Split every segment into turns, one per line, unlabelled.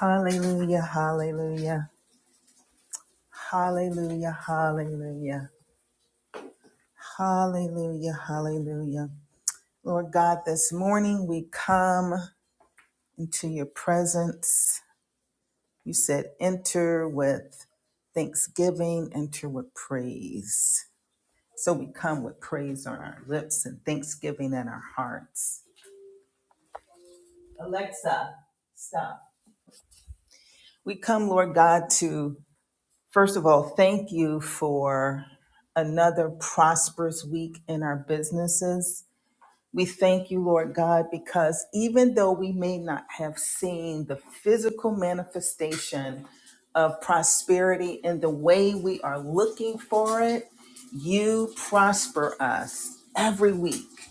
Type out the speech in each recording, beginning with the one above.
Hallelujah, hallelujah, hallelujah, hallelujah, hallelujah, hallelujah. Lord God, this morning we come into your presence. You said, enter with thanksgiving, enter with praise. So we come with praise on our lips and thanksgiving in our hearts. Alexa, stop. We come, Lord God, to First of all, thank you for another prosperous week in our businesses. We thank you, Lord God, because even though we may not have seen the physical manifestation of prosperity in the way we are looking for it, you prosper us every week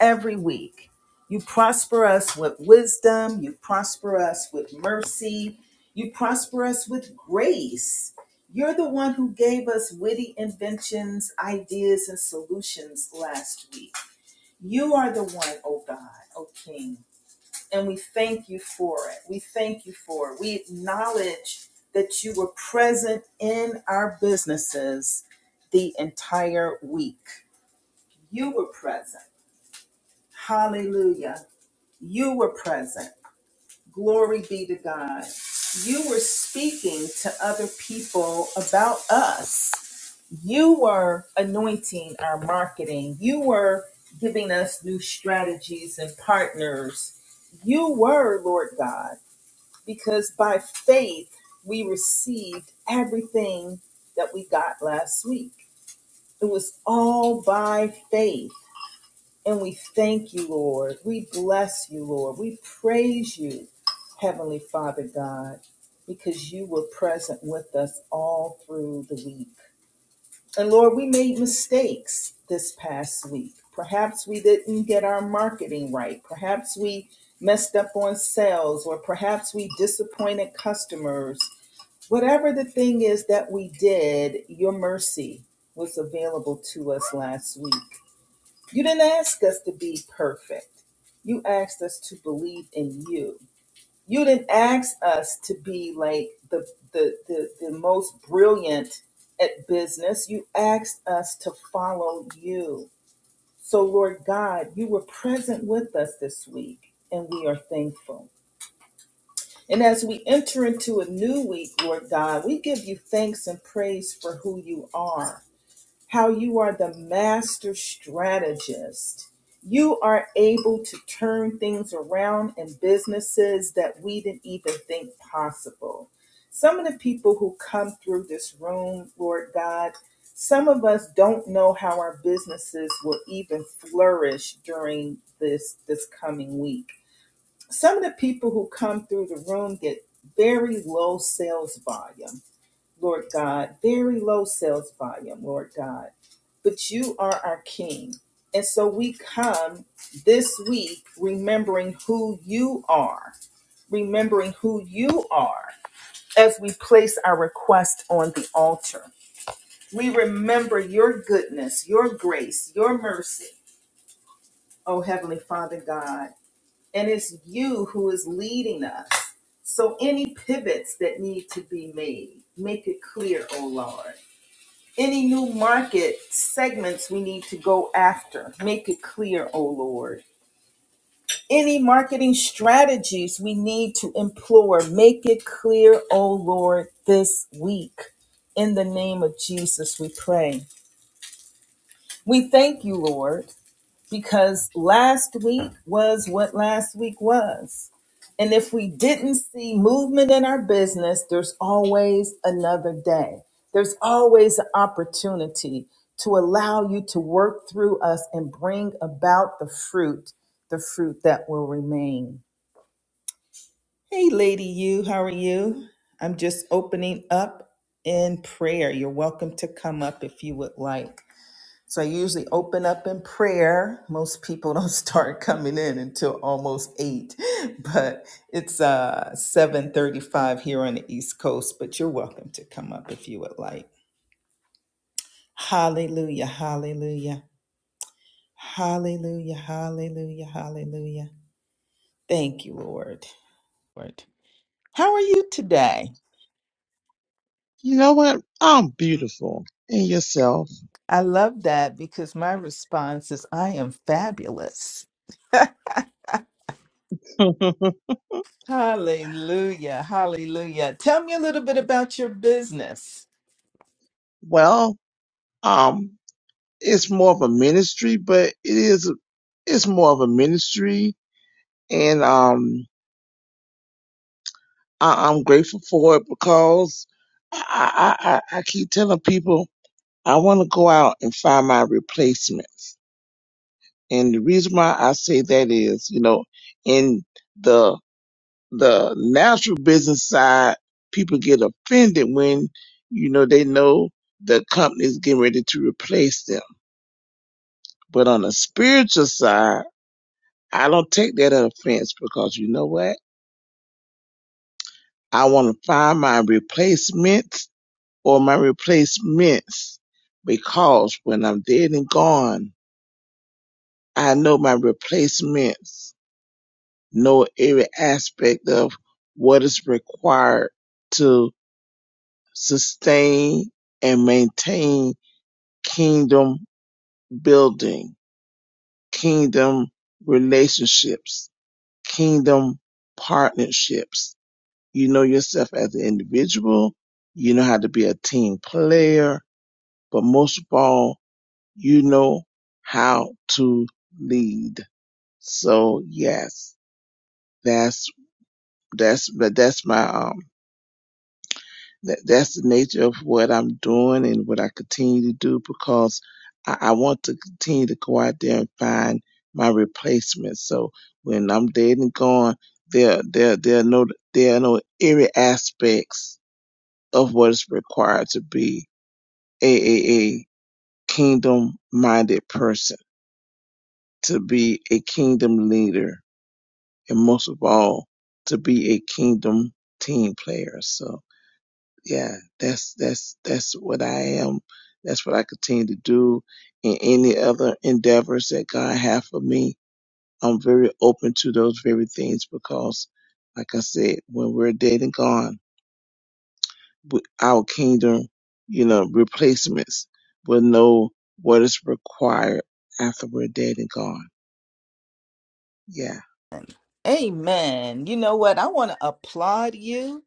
every week. You prosper us with wisdom. You prosper us with mercy. You prosper us with grace. You're the one who gave us witty inventions, ideas, and solutions last week. You are the one, oh God, oh King. And we thank you for it. We thank you for it. We acknowledge that you were present in our businesses the entire week. You were present. Hallelujah. You were present. Glory be to God. You were speaking to other people about us. You were anointing our marketing. You were giving us new strategies and partners. You were, Lord God, because by faith we received everything that we got last week. It was all by faith. And we thank you, Lord. We bless you, Lord. We praise you, Heavenly Father God, because you were present with us all through the week. And Lord, we made mistakes this past week. Perhaps we didn't get our marketing right. Perhaps we messed up on sales, or perhaps we disappointed customers. Whatever the thing is that we did, your mercy was available to us last week. You didn't ask us to be perfect. You asked us to believe in you. You didn't ask us to be like the the the, the most brilliant at business. You asked us to follow you. So Lord God, you were present with us this week and we are thankful. And as we enter into a new week, Lord God, we give you thanks and praise for who you are how you are the master strategist. You are able to turn things around in businesses that we didn't even think possible. Some of the people who come through this room, Lord God, some of us don't know how our businesses will even flourish during this this coming week. Some of the people who come through the room get very low sales volume Lord God, very low sales volume, Lord God. But you are our King. And so we come this week remembering who you are, remembering who you are as we place our request on the altar. We remember your goodness, your grace, your mercy, oh Heavenly Father God. And it's you who is leading us. So any pivots that need to be made, make it clear, oh Lord. Any new market segments we need to go after. Make it clear, O Lord. Any marketing strategies we need to employ. Make it clear, O Lord, this week. In the name of Jesus, we pray. We thank you, Lord because last week was what last week was. And if we didn't see movement in our business, there's always another day. There's always an opportunity to allow you to work through us and bring about the fruit, the fruit that will remain. Hey, Lady You, how are you? I'm just opening up in prayer. You're welcome to come up if you would like. So I usually open up in prayer. Most people don't start coming in until almost eight, but it's uh seven thirty-five here on the East Coast. But you're welcome to come up if you would like. Hallelujah! Hallelujah! Hallelujah! Hallelujah! Hallelujah! Thank you, Lord. Lord, how are you today?
You know what? I'm beautiful. And yourself?
I love that because my response is, "I am fabulous." Hallelujah! Hallelujah! Tell me a little bit about your business.
well, um, it's more of a ministry, but it is, it's more of a ministry. And, um, I, I'm grateful for it because I, I, I, I keep telling people I want to go out and find my replacements. And the reason why I say that is, you know, in the the natural business side, people get offended when, you know, they know the company's getting ready to replace them. But on the spiritual side, I don't take that offense because you know what? I want to find my replacement or my replacements because when I'm dead and gone, I know my replacements know every aspect of what is required to sustain and maintain kingdom building, kingdom relationships, kingdom partnerships. You know yourself as an individual. You know how to be a team player, but most of all, you know how to lead. So yes, that's, that's, that's my, um, that that's the nature of what I'm doing and what I continue to do because I, I want to continue to go out there and find my replacement. So when I'm dead and gone, there there there are no there are no eerie aspects of what is required to be a a, a kingdom minded person, to be a kingdom leader, and most of all, to be a kingdom team player. So yeah, that's that's that's what I am. That's what I continue to do in any other endeavors that God have for me. I'm very open to those very things because, like I said, when we're dead and gone, we- our kingdom, you know, replacements will know what is required after we're dead and gone. Yeah.
Amen. You know what? I want to applaud you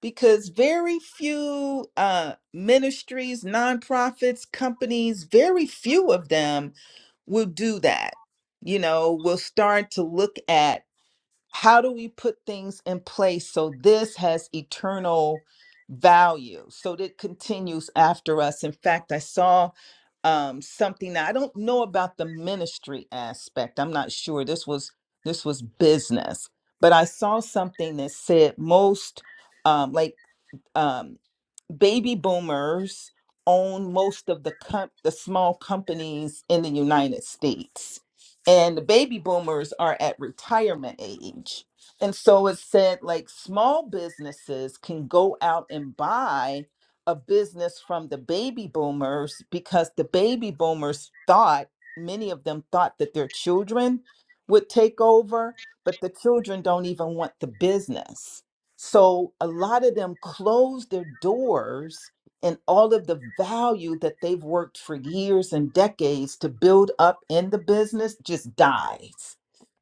because very few uh, ministries, nonprofits, companies, very few of them will do that. You know, will start to look at how do we put things in place so this has eternal value so that it continues after us in fact i saw um something that i don't know about the ministry aspect i'm not sure this was this was business but i saw something that said most um like um, baby boomers own most of the com- the small companies in the United States. And the baby boomers are at retirement age. And so it said like small businesses can go out and buy a business from the baby boomers because the baby boomers thought many of them thought that their children would take over, but the children don't even want the business. So a lot of them close their doors and all of the value that they've worked for years and decades to build up in the business just dies.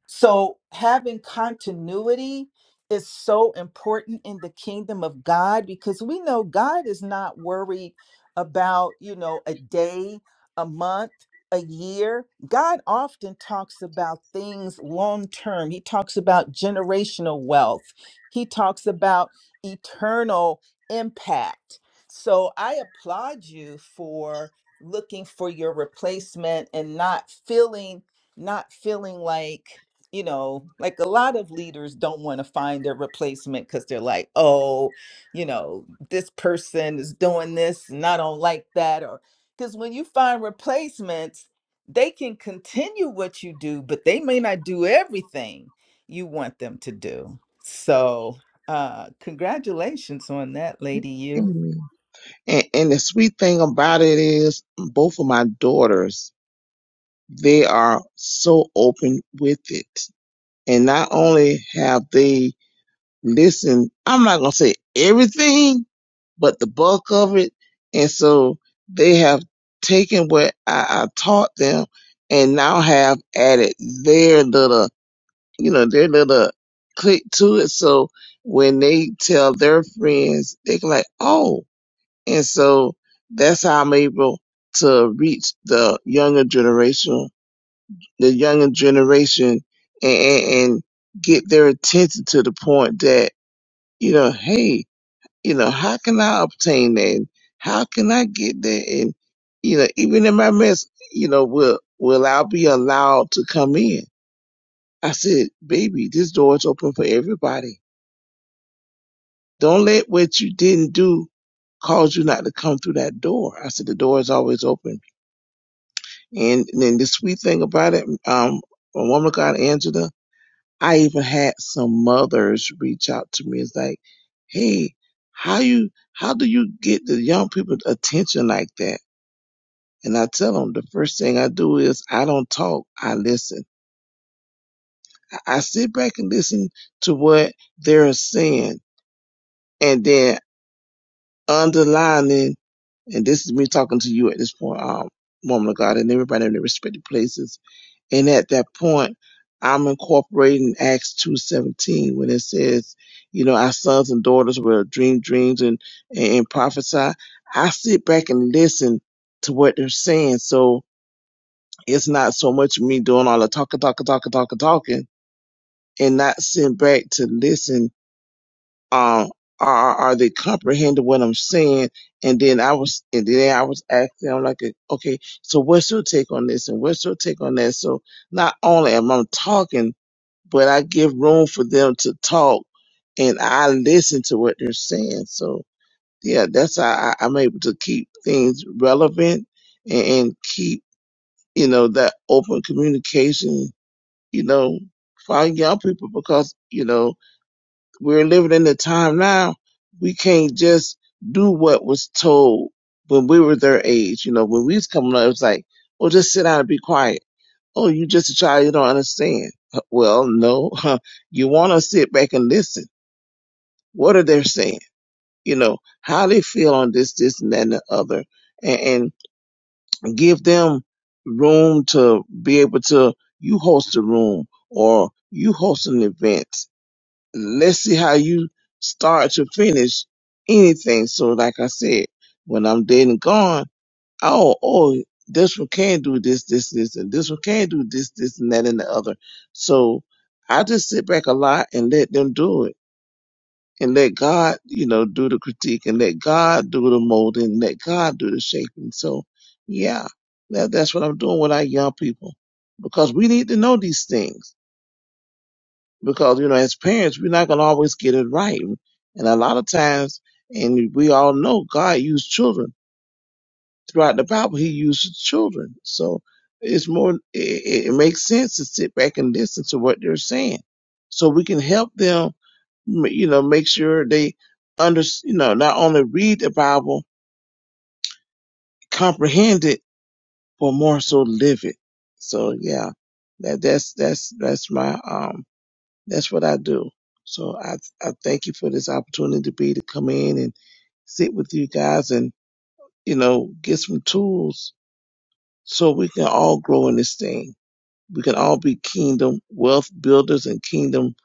So having continuity is so important in the kingdom of God because we know God is not worried about, you know, a day, a month, a year. God often talks about things long term. He talks about generational wealth. He talks about eternal impact. So I applaud you for looking for your replacement and not feeling not feeling like you know, like a lot of leaders don't want to find their replacement because they're like, oh, you know, this person is doing this and I don't like that. Or because when you find replacements, they can continue what you do, but they may not do everything you want them to do. So, uh, congratulations on that, Lady You.
Amen. And, and the sweet thing about it is, both of my daughters, they are so open with it. And not only have they listen, I'm not going to say everything, but the bulk of it. And so they have taken what I, I taught them and now have added their little, you know, their little click to it. So when they tell their friends, they can like, oh, and so that's how I'm able to reach the younger generation, the younger generation and, and, and get their attention to the point that, you know, hey, you know, how can I obtain that? And How can I get that? And, you know, even in my mess, you know, will, will I be allowed to come in? I said, baby, this door is open for everybody. Don't let what you didn't do cause you not to come through that door. I said, the door is always open. And, and then the sweet thing about it, um, a woman called Angela, I even had some mothers reach out to me. It's like, hey, how you, how do you get the young people's attention like that? And I tell them the first thing I do is I don't talk, I listen. I sit back and listen to what they're saying. And then underlining, and this is me talking to you at this point, um, woman of God, and everybody in their respective places. And at that point, I'm incorporating Acts 2.17 when it says, you know, our sons and daughters will dream dreams and, and prophesy. I sit back and listen to what they're saying. So, It's not so much me doing all the talking, talking, talking, talking, talking, and not sitting back to listen. Um, are are they comprehending what I'm saying? And then I was, and then I was asking, I'm like, okay, so what's your take on this, and what's your take on that? So not only am I talking, but I give room for them to talk, and I listen to what they're saying. So yeah, that's how I, I'm able to keep things relevant and, and keep you know that open communication you know, for our young people because, you know, we're living in a time now we can't just do what was told when we were their age. You know, when we was coming up, it was like, oh, just sit down and be quiet. Oh, you just a child, you don't understand. Uh, Well, no, you want to sit back and listen. What are they saying? You know, how they feel on this, this, and that, and the other, and, and give them room to be able to, you host a room or you host an event let's see how you start to finish anything. So, like I said, when I'm dead and gone, oh, oh, this one can do this, this, this, and this one can do this, this, and that, and the other. So, I just sit back a lot and let them do it and let God, you know, do the critique and let God do the molding, let God do the shaping. So, yeah, that, that's what I'm doing with our young people because we need to know these things because you know as parents we're not going to always get it right and a lot of times and we all know god used children throughout the bible he used children so it's more it, it makes sense to sit back and listen to what they're saying so we can help them you know make sure they under you know not only read the bible comprehend it but more so live it so yeah that that's that's that's my um That's what I do. So I, I thank you for this opportunity to be to come in and sit with you guys and, you know, get some tools so we can all grow in this thing. We can all be kingdom wealth builders and kingdom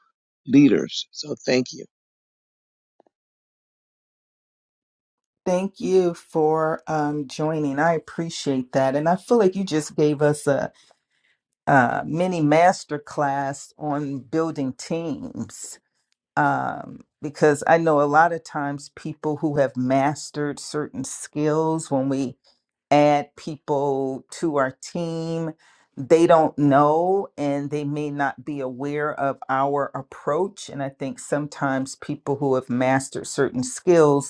leaders. So thank you.
Thank you for um, joining. I appreciate that. And I feel like you just gave us a uh, mini master on building teams um, because I know a lot of times people who have mastered certain skills, when we add people to our team, they don't know and they may not be aware of our approach. And I think sometimes people who have mastered certain skills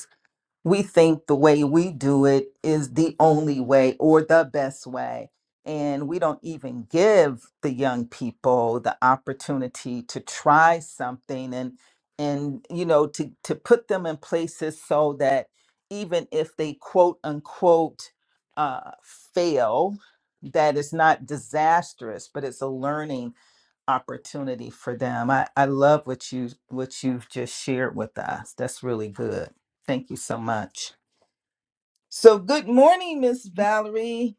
we think the way we do it is the only way or the best way. And we don't even give the young people the opportunity to try something and and you know to to put them in places so that even if they quote unquote uh, fail, that is not disastrous, but it's a learning opportunity for them. I, I love what you what you've just shared with us. That's really good. Thank you so much. So good morning, Miss Valerie.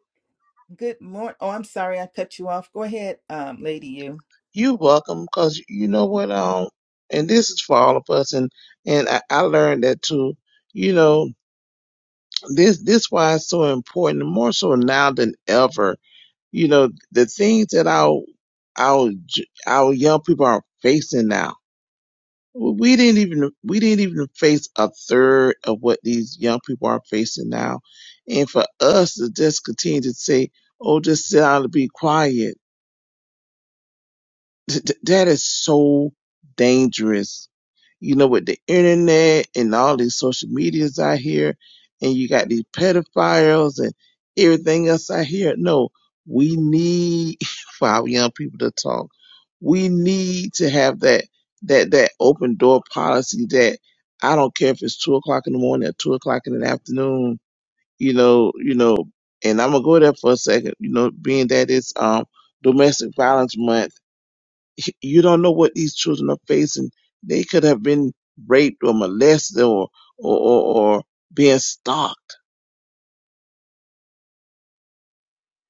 Good morning. Oh, I'm sorry I cut you off. Go ahead, um, lady you.
You're welcome because you know what, um, and this is for all of us. And, and I, I learned that too. You know, this, this why it's so important, more so now than ever You know, the things that our our j- our young people are facing now. We didn't even we didn't even face a third of what these young people are facing now. And for us to just continue to say, "Oh, just sit down and be quiet," th- th- that is so dangerous you know, with the internet and all these social medias out here, and you got these pedophiles and everything else out here. No, we need for our young people to talk. We need to have that that that open door policy that I don't care if it's two o'clock in the morning or two o'clock in the afternoon, you know, you know, and I'm gonna go there for a second, you know, being that it's um domestic violence month he- you don't know what these children are facing. They could have been raped or molested or or or, or being stalked,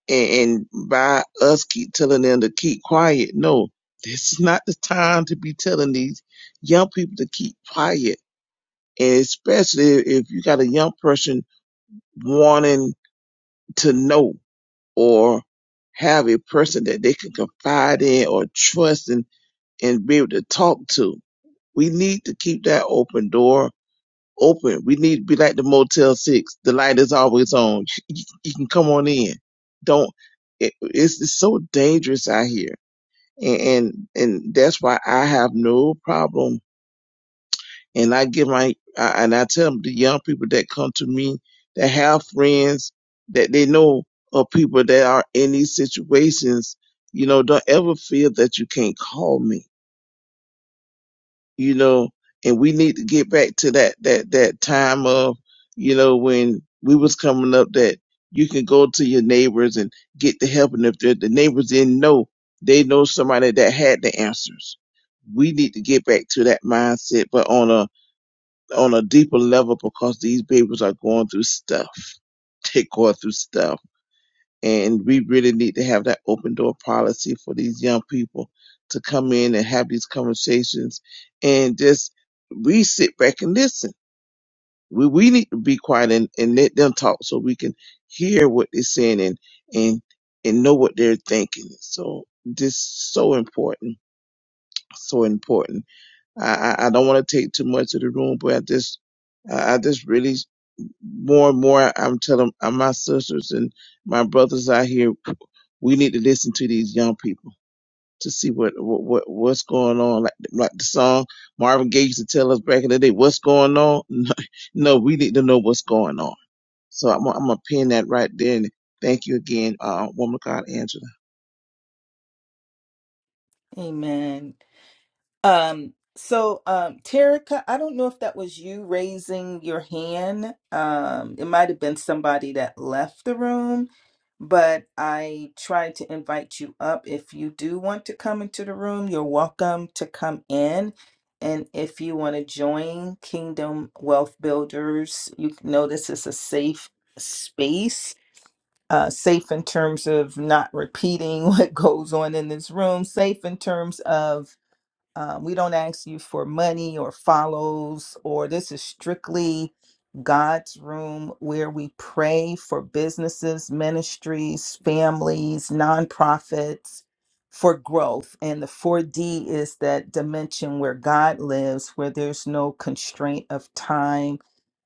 and, and by us keep telling them to keep quiet. No, this is not the time to be telling these young people to keep quiet, and especially if you got a young person wanting to know or have a person that they can confide in or trust and, and be able to talk to. We need to keep that open door Open. We need to be like the Motel Six. The light is always on. You, you can come on in. Don't. It, it's, it's so dangerous out here, and, and and that's why I have no problem. And I give my I, and I tell the young people that come to me that have friends that they know of people that are in these situations. You know, don't ever feel that you can't call me you know, and we need to get back to that that that time of, you know, when we was coming up that you can go to your neighbors and get the help, and if the, the neighbors didn't know, they know somebody that had the answers. We need to get back to that mindset, but on a on a deeper level because these babies are going through stuff. They're going through stuff and we really need to have that open door policy for these young people to come in and have these conversations and just we sit back and listen. We we need to be quiet and, and let them talk so we can hear what they're saying and and and know what they're thinking. So just so important, so important. I I, I don't want to take too much of the room, but I just I I just really more and more I'm telling uh, my sisters and my brothers out here, we need to listen to these young people to see what what what- what's going on. Like like the song Marvin Gaye used to tell us back in the day, "What's going on?" No, no we need to know what's going on. So I'm gonna- I'm gonna pin that right there. And thank you again, uh, woman of God, Angela.
Amen. Um, so, um, Terica, I don't know if that was you raising your hand. Um, it might have been somebody that left the room, but I tried to invite you up. If you do want to come into the room, you're welcome to come in. And if you want to join Kingdom Wealth Builders, you can notice it's a safe space. Uh, safe in terms of not repeating what goes on in this room, safe in terms of um, we don't ask you for money or follows, or this is strictly God's room where we pray for businesses, ministries, families, nonprofits for growth. And the 4D is that dimension where God lives, where there's no constraint of time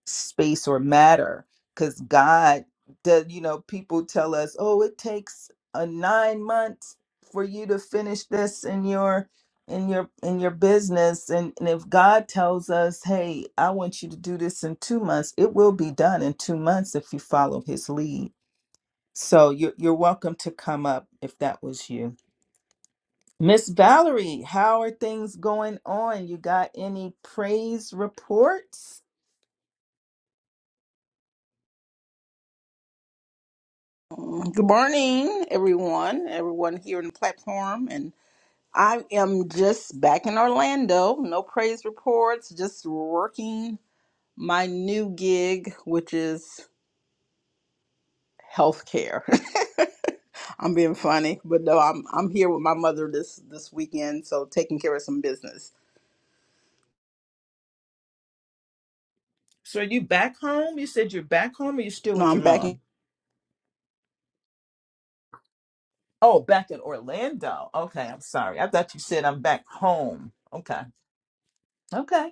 space or matter because God does, you know, people tell us, oh, it takes a nine months for you to finish this in your in your in your business and, and if God tells us, hey, I want you to do this in two months, it will be done in two months if you follow his lead. So you're you're welcome to come up if that was you. Miss Valerie, how are things going on? You got any praise reports?
Good morning, everyone, everyone here on the platform. And I am just back in Orlando. No praise reports, just working my new gig, which is healthcare. I'm being funny, but no, I'm I'm here with my mother this this weekend, so taking care of some business.
So are you back home? You said you're back home or you still
No,
with your
I'm back. In,
mom? Oh, back in Orlando. Okay, I'm sorry. I thought you said I'm back home. Okay. Okay.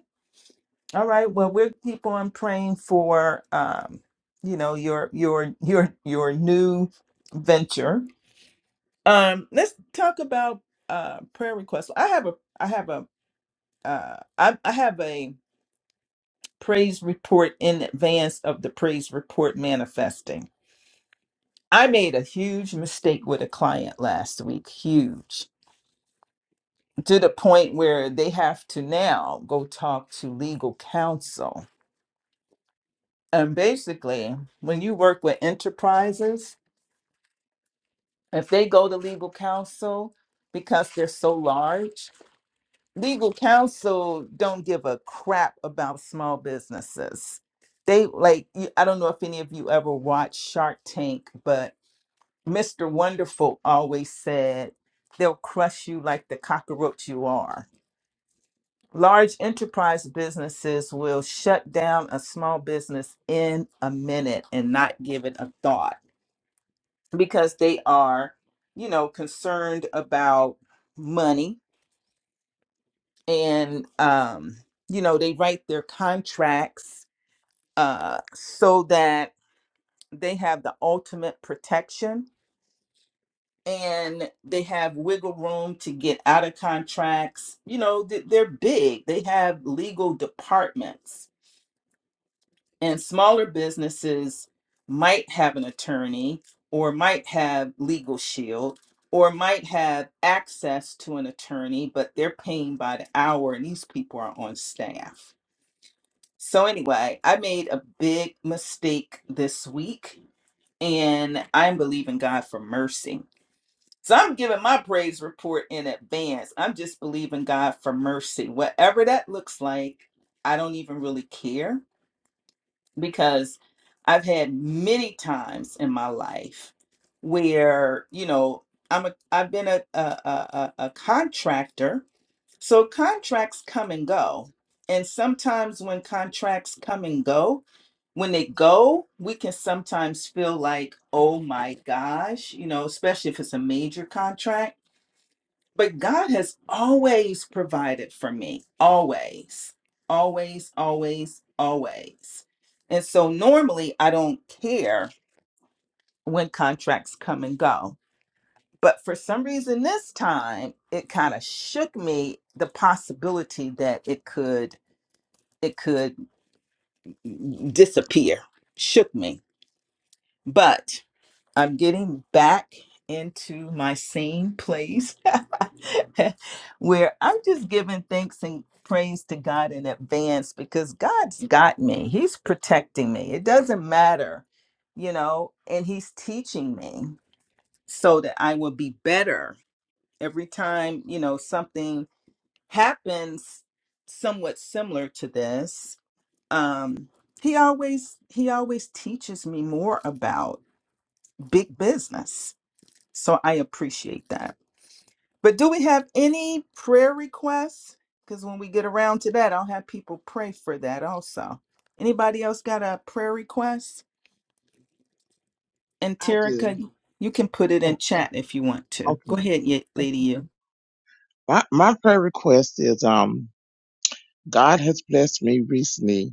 All right. Well, we'll keep on praying for um, you know, your your your your new venture. Um, let's talk about uh prayer requests. I have a I have a uh I, I have a praise report in advance of the praise report manifesting. I made a huge mistake with a client last week, huge, to the point where they have to now go talk to legal counsel. And basically, when you work with enterprises, if they go to legal counsel because they're so large, legal counsel don't give a crap about small businesses. They like you- I don't know if any of you ever watched Shark Tank, but Mr. Wonderful always said, they'll crush you like the cockroach you are. Large enterprise businesses will shut down a small business in a minute and not give it a thought because they are, you know, concerned about money and, um, you know, they write their contracts uh, so that they have the ultimate protection and they have wiggle room to get out of contracts. You know, th- they're big, they have legal departments, and smaller businesses might have an attorney or might have legal shield or might have access to an attorney but they're paying by the hour and these people are on staff so anyway i made a big mistake this week and i'm believing god for mercy So I'm giving my praise report in advance. I'm just believing God for mercy. Whatever that looks like, I don't even really care because I've had many times in my life where, you know, I'm a I've been a a a, a a contractor. So contracts come and go. And sometimes when contracts come and go, when they go, we can sometimes feel like, oh my gosh, you know, especially if it's a major contract but God has always provided for me, always, always, always, always. And so normally I don't care when contracts come and go. But for some reason this time it kind of shook me the possibility that it could it could disappear. Shook me. But I'm getting back into my same place where I'm just giving thanks and praise to God in advance because God's got me. He's protecting me. It doesn't matter, you know, and He's teaching me so that I will be better every time, you know, something happens somewhat similar to this. Um, he always he always teaches me more about big business. So I appreciate that. But do we have any prayer requests? Because when we get around to that, I'll have people pray for that also. Anybody else got a prayer request? And
I do.
Terica, you can put it in
Oh,
chat if you want to. Go
okay.
ahead, ye- lady. You.
My my prayer request is um God has blessed me recently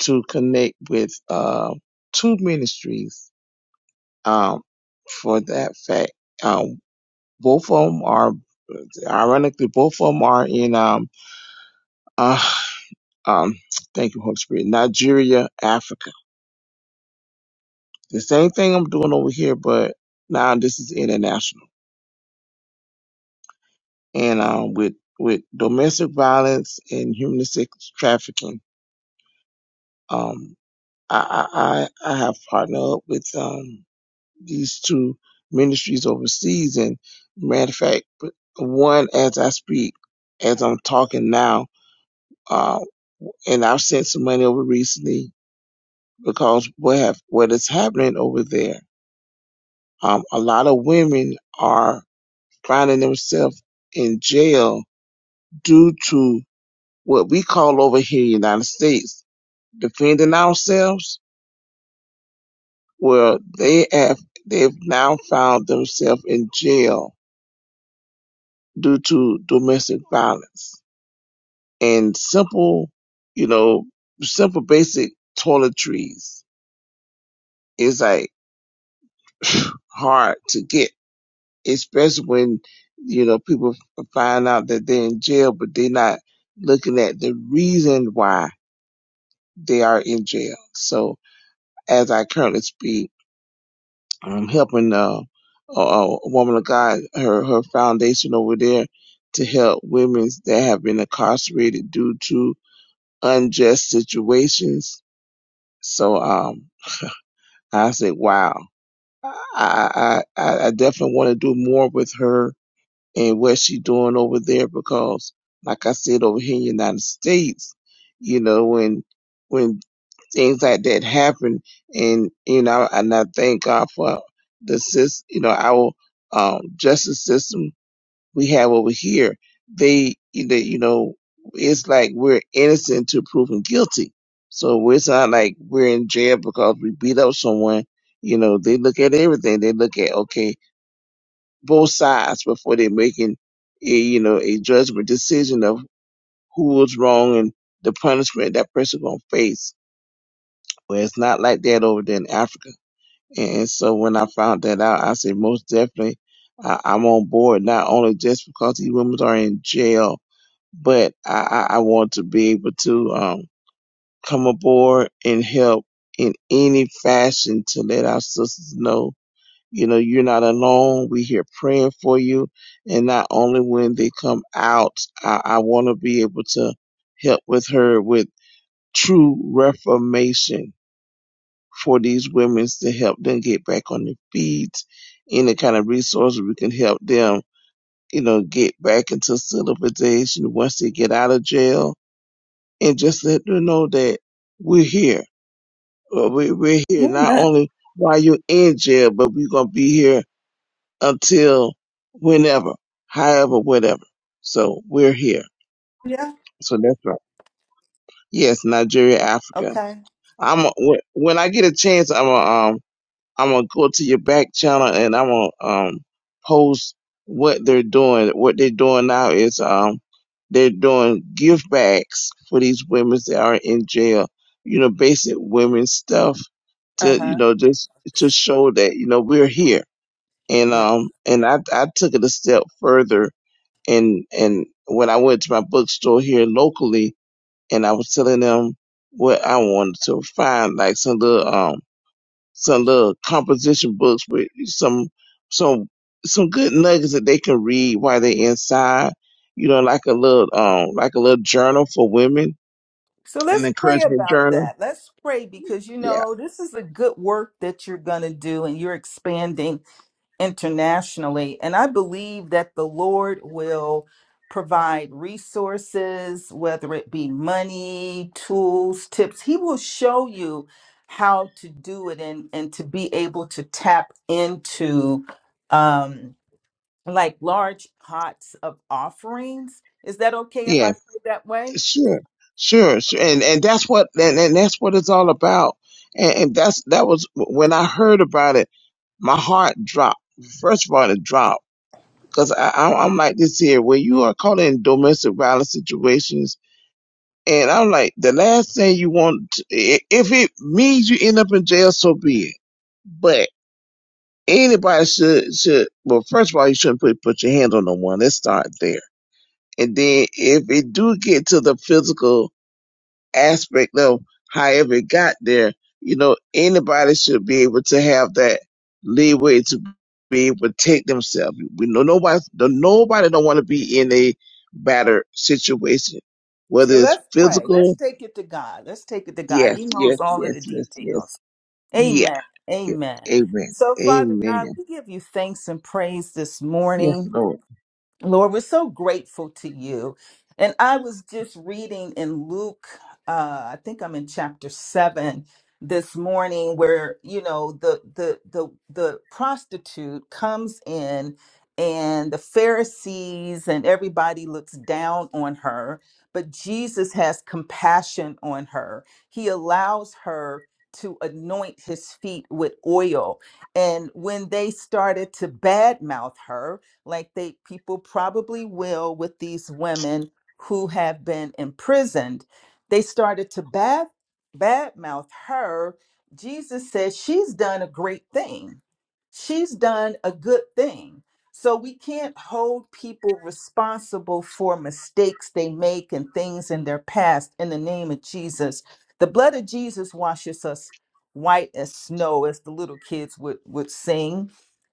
to connect with uh two ministries um, for that fact. Um, both of them are, ironically, both of them are in, um, uh, um, thank you, Holy Spirit, Nigeria, Africa. The same thing I'm doing over here, but now this is international. And, um, with, with domestic violence and human sex trafficking, um, I, I, I I have partnered up with, um, these two ministries overseas. And matter of fact, one as I speak, as I'm talking now, Uh, and I've sent some money over recently because what have, what is happening over there? Um, a lot of women are finding themselves in jail due to what we call over here in the United States defending ourselves. Well, they have they've now found themselves in jail due to domestic violence and simple, you know, simple basic toiletries is like hard to get especially when you know people find out that they're in jail, but they're not looking at the reason why they are in jail. So, as I currently speak, I'm helping uh, a, a woman of God, her her foundation over there, to help women that have been incarcerated due to unjust situations. So, um, I said, wow. I, I, I I definitely want to do more with her and what she doing over there because like I said over here in the United States, you know, when when things like that happen and you know, and I thank God for the system, you know, our um justice system we have over here, they you know you know, it's like we're innocent to proven guilty. So it's not like we're in jail because we beat up someone. You know, they look at everything. They look at okay, both sides before they're making a you know a judgment decision of who was wrong and the punishment that person gonna face. Well, it's not like that over there in Africa. And so when I found that out, I said most definitely I, I'm on board. Not only just because these women are in jail, but I, I, I want to be able to um, come aboard and help in any fashion to let our sisters know you know, you're not alone. We're here praying for you. And not only when they come out, I, I want to be able to help with her with true reformation for these women to help them get back on their feet. Any kind of resources we can help them, you know, get back into civilization once they get out of jail and just let them know that we're here. Uh, we- We're here not
Amen.
only while you're in jail, but we're going to be here until whenever, however, whatever. So we're here.
Yeah.
So that's right. Yes, Nigeria, Africa.
Okay.
I'm a- when when I get a chance, I'm gonna um I'm gonna go to your back channel and I'm gonna um post what they're doing. What they're doing now is um they're doing gift bags for these women that are in jail. You know, basic women's stuff
Uh
to you
huh.
know just to show that you know we're here. And
Right.
um and I I took it a step further and and when I went to my bookstore here locally, and I was telling them what I wanted to find, like some little um some little composition books with some some some good nuggets that they can read while they're inside. You know, like a little um like a little journal for women,
So
an
let's pray
encouragement
about
journal.
that. Let's pray because you
Yeah.
know this is a good work that you're going to do and you're expanding internationally. And I believe that the Lord will provide resources, whether it be money, tools, tips. He will show you how to do it and, and to be able to tap into um, like large pots of offerings. Is that okay if
Yeah.
I pray that way?
Sure, sure, sure. And and that's what and, and that's what it's all about. And, and that's that was when I heard about it, my heart dropped. First of all, it dropped because I, I I'm like this here when you are caught in domestic violence situations, and I'm like the last thing you want to- i- if it means you end up in jail, so be it. But anybody should should well, first of all, you shouldn't put put your hand on no one. Let's start there. And then if it do get to the physical aspect of however it got there, you know, anybody should be able to have that leeway to be able to take themselves. We know nobody, no- nobody don't want to be in a battered situation, whether
So
it's
let's pray. Let's
physical.
take it to God. Let's take it to God.
Yes,
He knows
yes,
all of
yes,
the
yes,
details.
yes. Yeah.
Amen.
yeah.
Amen.
Amen.
So, Father God,
Amen.
we give you thanks and praise this
Yes,
morning.
Lord.
Lord, we're so grateful to you. And I was just reading in Luke, uh, I think I'm in chapter seven this morning, where you know the the the the prostitute comes in, and the Pharisees and everybody looks down on her, but Jesus has compassion on her. He allows her to anoint his feet with oil, and when they started to badmouth her like they people probably will with these women who have been imprisoned. They started to bad badmouth her. Jesus says she's done a great thing. She's done a good thing. So we can't hold people responsible for mistakes they make and things in their past in the name of Jesus. The blood of Jesus washes us white as snow, as the little kids would, would sing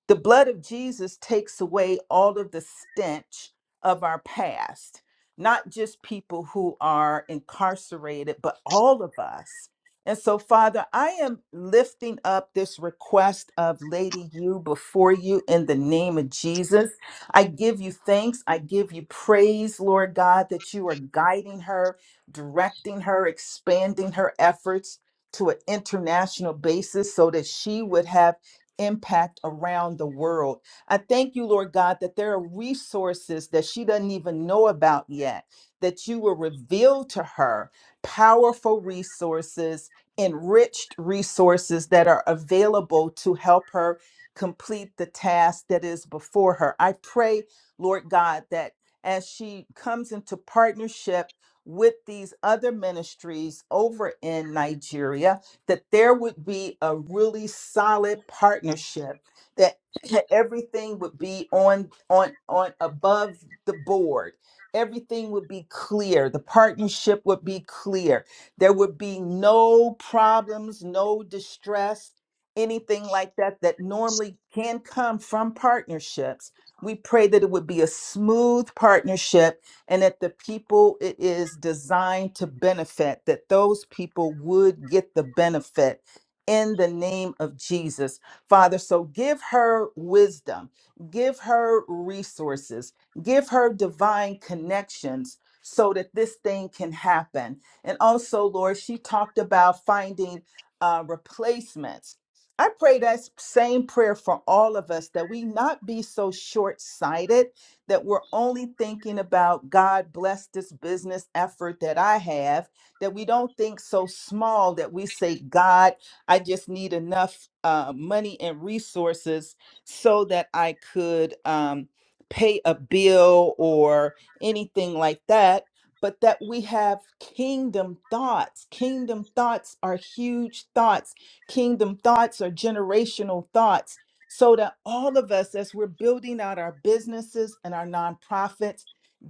the blood of Jesus takes away all of the stench of our past, not just people who are incarcerated, but all of us. And so, Father, I am lifting up this request of Lady You before you in the name of Jesus. I give you thanks. I give you praise, Lord God, that you are guiding her, directing her, expanding her efforts to an international basis so that she would have impact around the world. I thank you, Lord God, that there are resources that she doesn't even know about yet, that you will reveal to her powerful resources, enriched resources that are available to help her complete the task that is before her. I pray, Lord God, that as she comes into partnership with these other ministries over in Nigeria, that there would be a really solid partnership that everything would be on on on above the board everything would be clear the partnership would be clear there would be no problems no distress anything like that that normally can come from partnerships we pray that it would be a smooth partnership and that the people it is designed to benefit, that those people would get the benefit in the name of Jesus. Father, so give her wisdom, give her resources, give her divine connections so that this thing can happen. And also, Lord, she talked about finding uh, replacements. I pray that same prayer for all of us that we not be so short sighted that we're only thinking about God bless this business effort that I have, that we don't think so small that we say, God, I just need enough uh, money and resources so that I could um, pay a bill or anything like that. But that we have kingdom thoughts. Kingdom thoughts are huge thoughts. Kingdom thoughts are generational thoughts so that all of us, as we're building out our businesses and our nonprofits,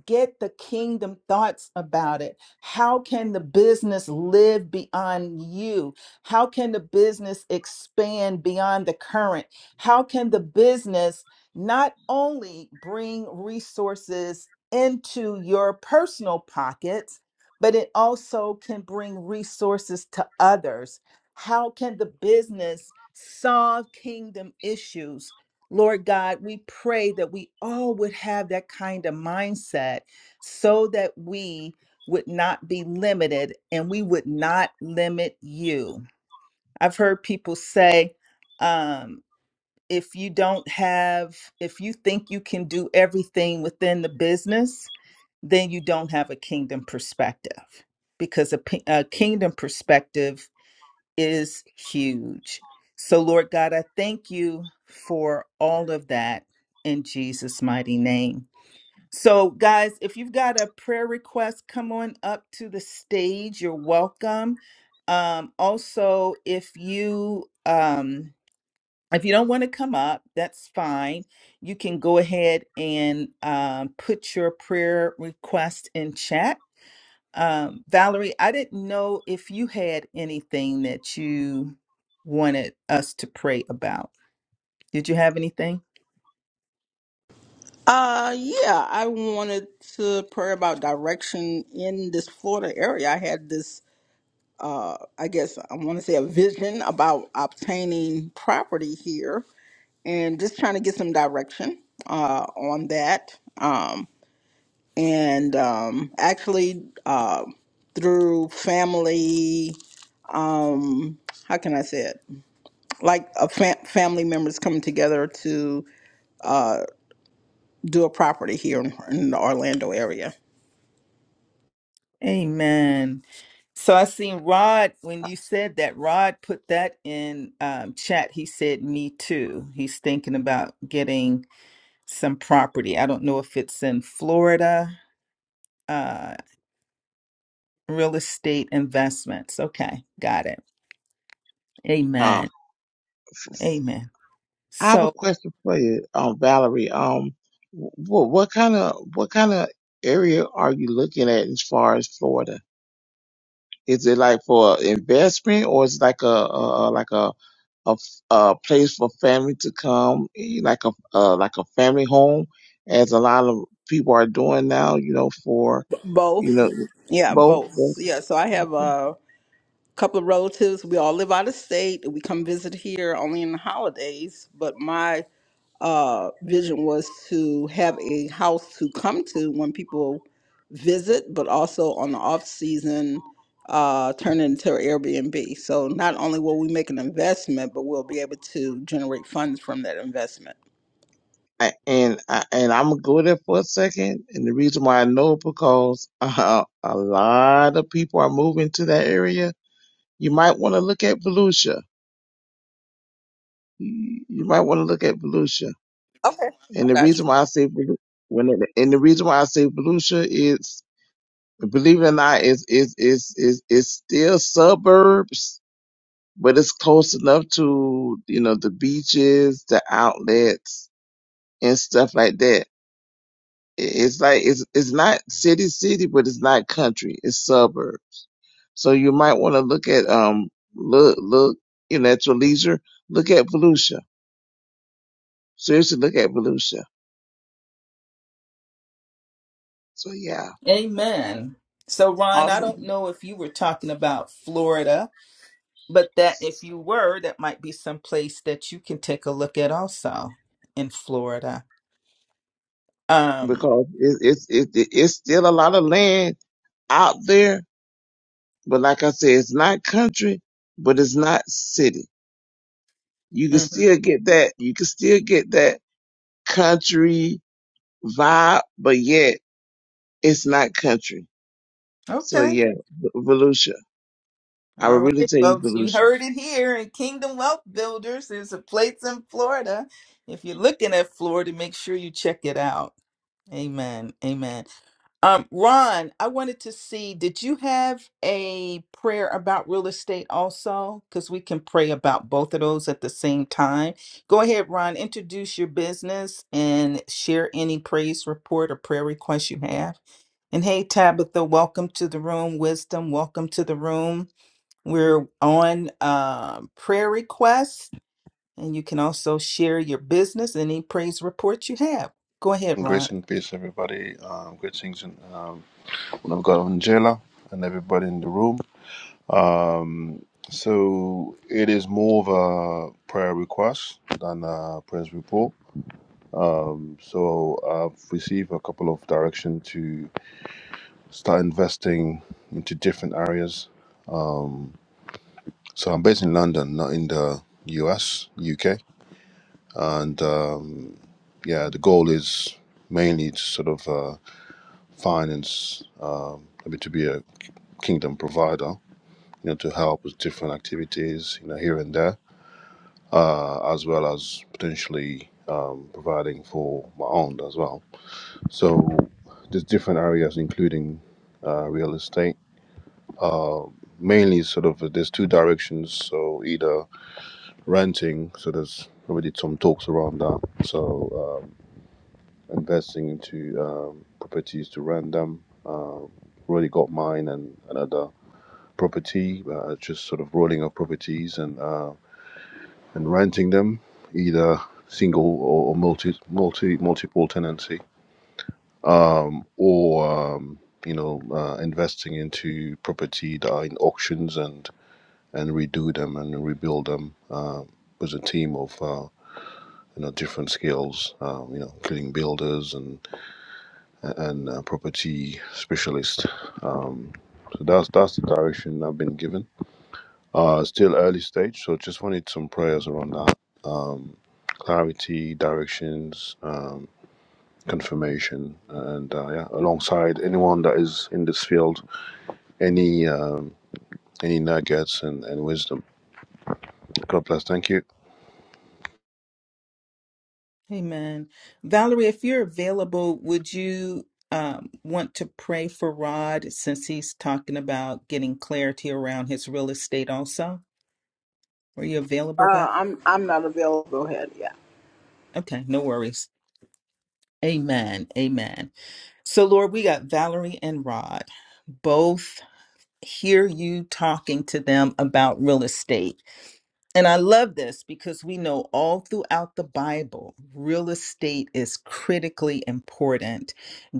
get the kingdom thoughts about it. How can the business live beyond you? How can the business expand beyond the current? How can the business not only bring resources into your personal pockets, but it also can bring resources to others? How can the business solve kingdom issues? Lord God, we pray that we all would have that kind of mindset so that we would not be limited and we would not limit you. I've heard people say, um, if you don't have, if you think you can do everything within the business, then you don't have a kingdom perspective because a, p- a kingdom perspective is huge. So, Lord God, I thank you for all of that in Jesus' mighty name. So, guys, if you've got a prayer request, come on up to the stage. You're welcome. Um, also, if you um, if you don't want to come up, that's fine. You can go ahead and um, put your prayer request in chat um, Valerie, I didn't know if you had anything that you wanted us to pray about. Did you have anything?
uh, yeah, I wanted to pray about direction in this Florida area. I had this uh, I guess I want to say a vision about obtaining property here and just trying to get some direction uh, on that. Um, and um, actually, uh, through family, um, how can I say it? Like a fam- family members coming together to uh, do a property here in, in the Orlando area.
Amen. So I seen Rod when you said that. Rod put that in um, chat. He said, "Me too." He's thinking about getting some property. I don't know if it's in Florida, uh, real estate investments. Okay, got it.
Um,
Amen. Amen.
I have a
So,
question for you, um, Valerie. Um, what, what kind of what kind of area are you looking at as far as Florida? Is it like for investment or is it like a, a a- like a, a f- a place for family to come, eh, like a, uh like a family home, as a lot of people are doing now? You know, for you know
Both. Yeah,
both.
both.
yes.
Yeah, so I have uh, couple of relatives. We all live out of state. We come visit here only in the holidays. But my uh, vision was to have a house to come to when people visit, but also on the off season, uh, turn it into an Airbnb. So not only will we make an investment, but we'll be able to generate funds from that investment.
A- And I- and I'm gonna go there for a second. And the reason why I know because uh, a lot of people are moving to that area. You might want to look at Volusia. You you might want to look at Volusia
Okay, I
And the
got you.
reason why I say Vel- when it, and the reason why I say Volusia is believe it or not is is is is is still suburbs, but it's close enough to you know the beaches, the outlets, and stuff like that. I- It's like it's it's not city city, but it's not country. It's suburb. So you might want to look at um look look you know at your leisure. Look at Volusia. Seriously, look at Volusia. So yeah.
amen. So, Ron, I
Awesome.
don't know if you were talking about Florida, but that if you were, that might be some place that you can take a look at also in Florida. Um,
because it, it's it, it, it's still a lot of land out there. But like I said, it's not country, but it's not city. You can
mhm.
still get that. You can still get that country vibe, but yet it's not country. So
Okay.
yeah, V- Volusia. I would
All
really
right,
tell you,
folks, you
Volusia.
heard it here in Kingdom Wealth Builders. There's a place in Florida. If you're looking at Florida, make sure you check it out. Amen. Amen. Um, Ron, I wanted to see, did you have a prayer about real estate also? Because we can pray about both of those at the same time. Go ahead, Ron, introduce your business and share any praise report or prayer request you have. And hey, Tabitha, welcome to the room. Wisdom, welcome to the room. We're on um, prayer requests, and you can also share your business, any praise reports you have. Go ahead,
Grace
Rod.
and peace, everybody. Um, greetings, and um, I've got Angela and everybody in the room. Um, so it is more of a prayer request than a praise report. So I've received a couple of direction to start investing into different areas. So I'm based in London, not in the US, UK, and um, yeah, the goal is mainly to sort of uh, finance, um, maybe to be a kingdom provider you know, to help with different activities, you know, here and there, uh, as well as potentially um, providing for my own as well. So there's different areas, including uh, real estate. Uh, mainly, sort of, uh, there's two directions. So either renting, so there's already some talks around that. So um, investing into um, properties to rent them. Uh, already got mine and another property, uh, just sort of rolling up properties and. uh, and renting them, either single or, multi, multi, multiple tenancy, or um, you know, uh, investing into property that are in auctions and and redo them and rebuild them uh, with a team of uh, you know different skills, uh, you know, including builders and and uh, property specialists. Um, so that's that's the direction I've been given. Uh, still early stage, so just wanted some prayers around that clarity, directions, Um, confirmation and uh, yeah alongside anyone that is in this field any um, any nuggets and, and wisdom god bless thank you
Amen. Valerie, if you're available, would you um, want to pray for Rod since he's talking about getting clarity around his real estate also? Are you available,
Uh,
Val?
I'm I'm not available. Go ahead. Yeah.
Okay, no worries. Amen. Amen. So, Lord, we got Valerie and Rod both hear you talking to them about real estate And I love this because we know all throughout the Bible, real estate is critically important.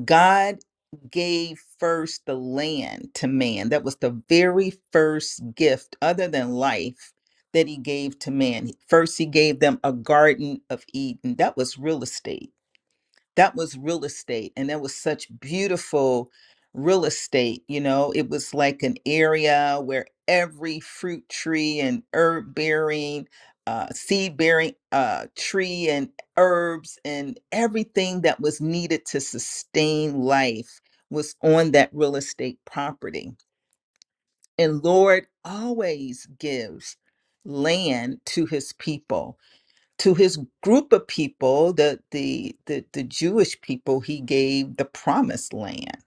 God gave first the land to man. That was the very first gift, other than life, that he gave to man. First, he gave them a Garden of Eden. That was real estate that was real estate and that was such beautiful real estate you know it was like an area where every fruit tree and herb bearing uh, seed bearing uh, tree and herbs and everything that was needed to sustain life was on that real estate property and lord always gives land to his people to his group of people, the the the, the Jewish people, he gave the promised land.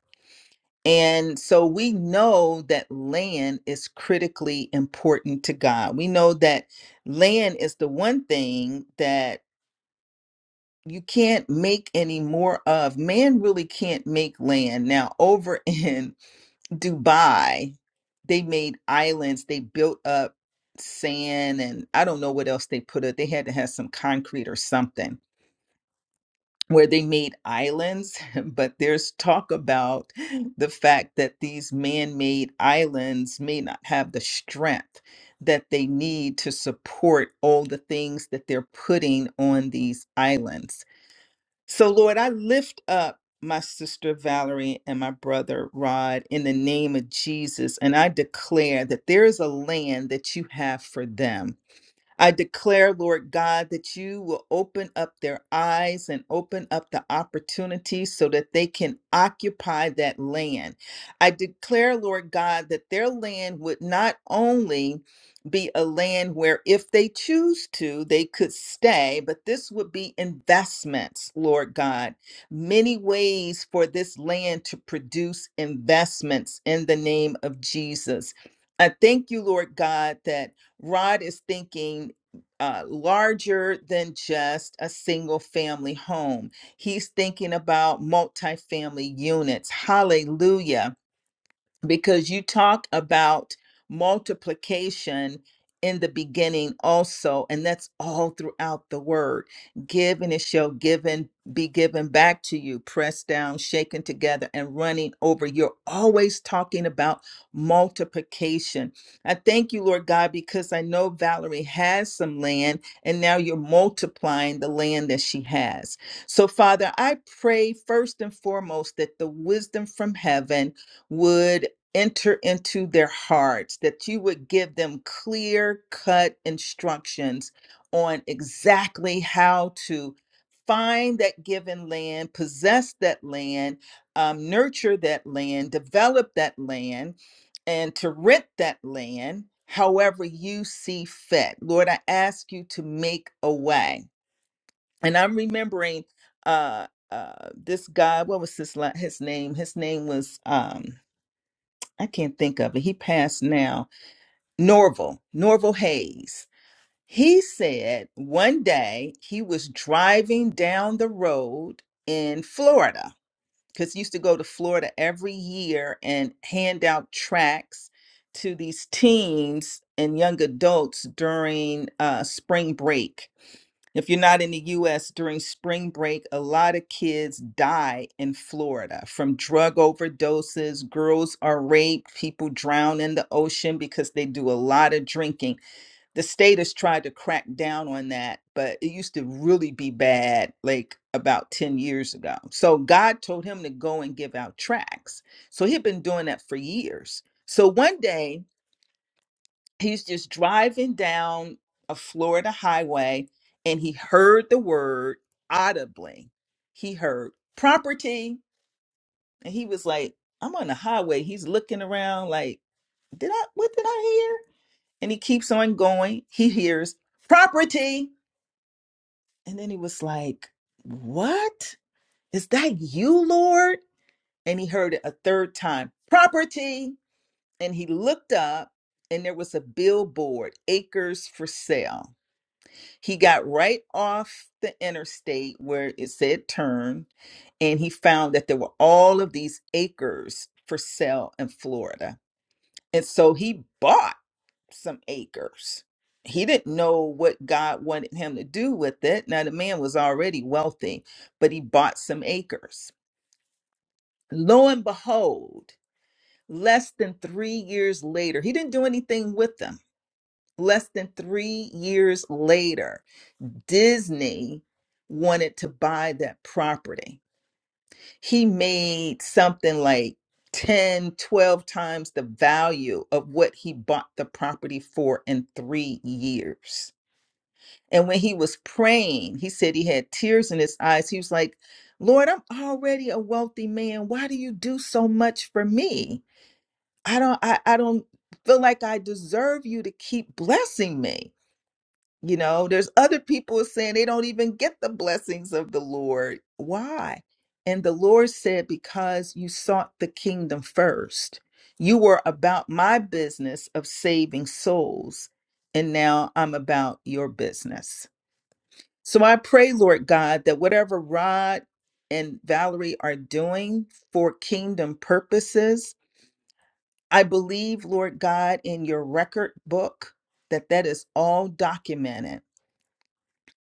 And so we know that land is critically important to God. We know that land is the one thing that you can't make any more of. Man really can't make land. Now, over in Dubai, they made islands, they built up sand, and I don't know what else they put it. They had to have some concrete or something where they made islands, but there's talk about the fact that these man made islands may not have the strength that they need to support all the things that they're putting on these islands. So, Lord, I lift up my sister Valerie and my brother Rod in the name of Jesus, and I declare that there is a land that you have for them I declare, Lord God, that you will open up their eyes and open up the opportunities so that they can occupy that land. I declare, Lord God, that their land would not only be a land where if they choose to, they could stay, but this would be investments, Lord God. Many ways for this land to produce investments in the name of Jesus. I thank you, Lord God, that. Rod is thinking uh, larger than just a single family home. He's thinking about multifamily units. Hallelujah because you talk about multiplication in the beginning also and that's all throughout the word give and it shall given be given back to you pressed down shaken together and running over you're always talking about multiplication i thank you lord god because i know valerie has some land and now you're multiplying the land that she has so father i pray first and foremost that the wisdom from heaven would enter into their hearts, that you would give them clear cut instructions on exactly how to find that given land, possess that land, um, nurture that land, develop that land, and to rent that land however you see fit. Lord, I ask you to make a way. And I'm remembering uh, uh, this guy, what was his, la- his name? His name was. um, I can't think of it. He passed now. Norval, Norval Hayes. He said one day he was driving down the road in Florida because he used to go to Florida every year and hand out tracts to these teens and young adults during uh, spring break. If you're not in the US during spring break, a lot of kids die in Florida from drug overdoses. Girls are raped, people drown in the ocean because they do a lot of drinking the state has tried to crack down on that, but it used to really be bad like about 10 years ago. So God told him to go and give out tracts. So he'd been doing that for years. So one day he's just driving down a Florida highway and he heard the word audibly. He heard property and he was like, I'm on the highway. He's looking around like, did I, what did I hear? And he keeps on going. He hears property And then he was like, What? Is that you, Lord? And he heard it a third time property. And he looked up, and there was a billboard, acres for sale. He got right off the interstate where it said turn, and he found that there were all of these acres for sale in Florida. And so he bought some acres. He didn't know what God wanted him to do with it. Now, the man was already wealthy, but he bought some acres. Lo and behold, less than three years later, he didn't do anything with them. Less than three years later, Disney wanted to buy that property. He made something like 10, 12 times the value of what he bought the property for in three years And when he was praying, he said he had tears in his eyes. He was like, Lord, I'm already a wealthy man. Why do you do so much for me? I don't I, I don't feel like I deserve you to keep blessing me. You know, there's other people saying they don't even get the blessings of the Lord. Why? And the Lord said, Because you sought the kingdom first. You were about my business of saving souls, and now I'm about your business so I pray, Lord God, that whatever Rod and Valerie are doing for kingdom purposes, I believe, Lord God, in your record book that that is all documented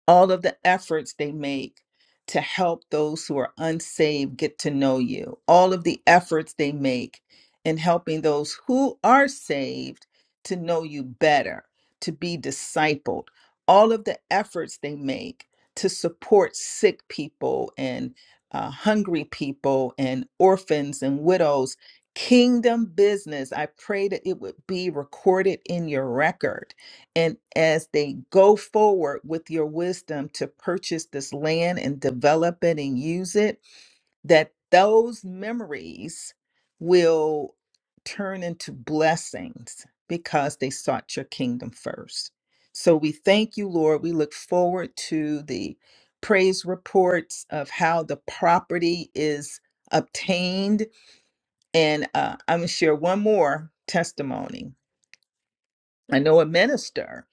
all of the efforts they make to help those who are unsaved get to know you, all of the efforts they make in helping those who are saved to know you better, to be discipled, all of the efforts they make to support sick people and uh, hungry people and orphans and widows. Kingdom business. I pray that it would be recorded in your record and as they go forward with your wisdom to purchase this land and develop it and use it, that those memories will turn into blessings because they sought your kingdom first. So we thank you, Lord. We look forward to the praise reports of how the property is obtained. And uh, I'm going to share one more testimony I know a minister,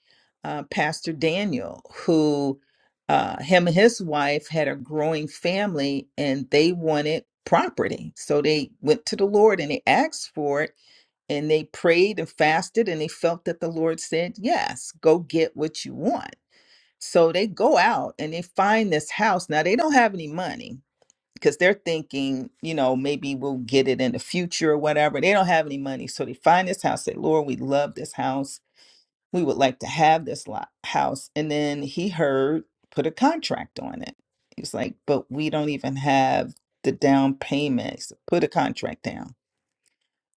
uh, Pastor Daniel, who uh, him and his wife had a growing family and they wanted property. So they went to the Lord and they asked for it and they prayed and fasted and they felt that the Lord said, Yes, go get what you want. So they go out and they find this house. Now they don't have any money because they're thinking, you know, maybe we'll get it in the future or whatever. They don't have any money. So they find this house, say, Lord, we love this house we would like to have this lo- house. And then he heard, put a contract on it. He was like, but we don't even have the down payment. He said, put a contract down.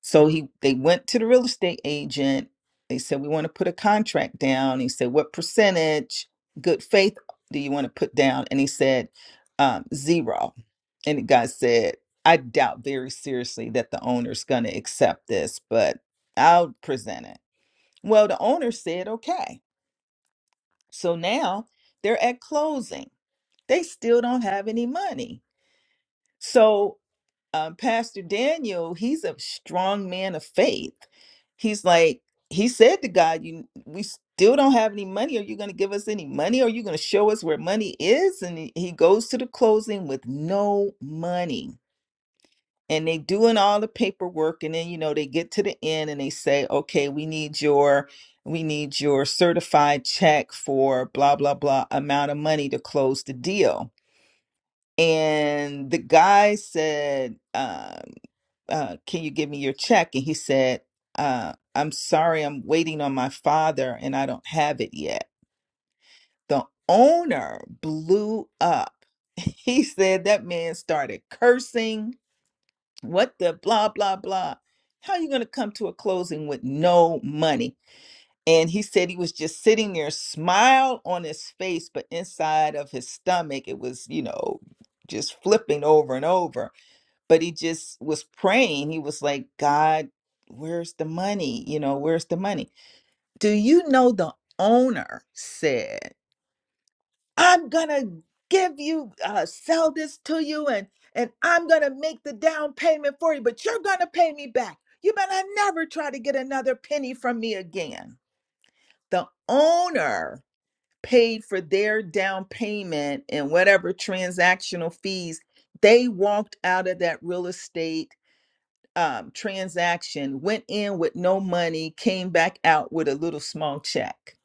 So he they went to the real estate agent. They said, we want to put a contract down. He said, what percentage, good faith do you want to put down? And he said, um, zero. And the guy said, I doubt very seriously that the owner's going to accept this, but I'll present it. Well, the owner said, okay. So now they're at closing. They still don't have any money. So um, Pastor Daniel, he's a strong man of faith. He's like, he said to God, "You, we still don't have any money. Are you going to give us any money? Are you going to show us where money is?" And he he goes to the closing with no money and they doing all the paperwork and then you know they get to the end and they say okay we need your we need your certified check for blah blah blah amount of money to close the deal and the guy said uh, uh, can you give me your check and he said uh, i'm sorry i'm waiting on my father and i don't have it yet the owner blew up he said that man started cursing what the blah blah blah how are you going to come to a closing with no money and he said he was just sitting there smile on his face but inside of his stomach it was you know just flipping over and over but he just was praying he was like god where's the money you know where's the money do you know the owner said I'm gonna give you uh, sell this to you and and I'm gonna make the down payment for you, but you're gonna pay me back. You better never try to get another penny from me again. The owner paid for their down payment and whatever transactional fees. They walked out of that real estate um, transaction, went in with no money, came back out with a little small check.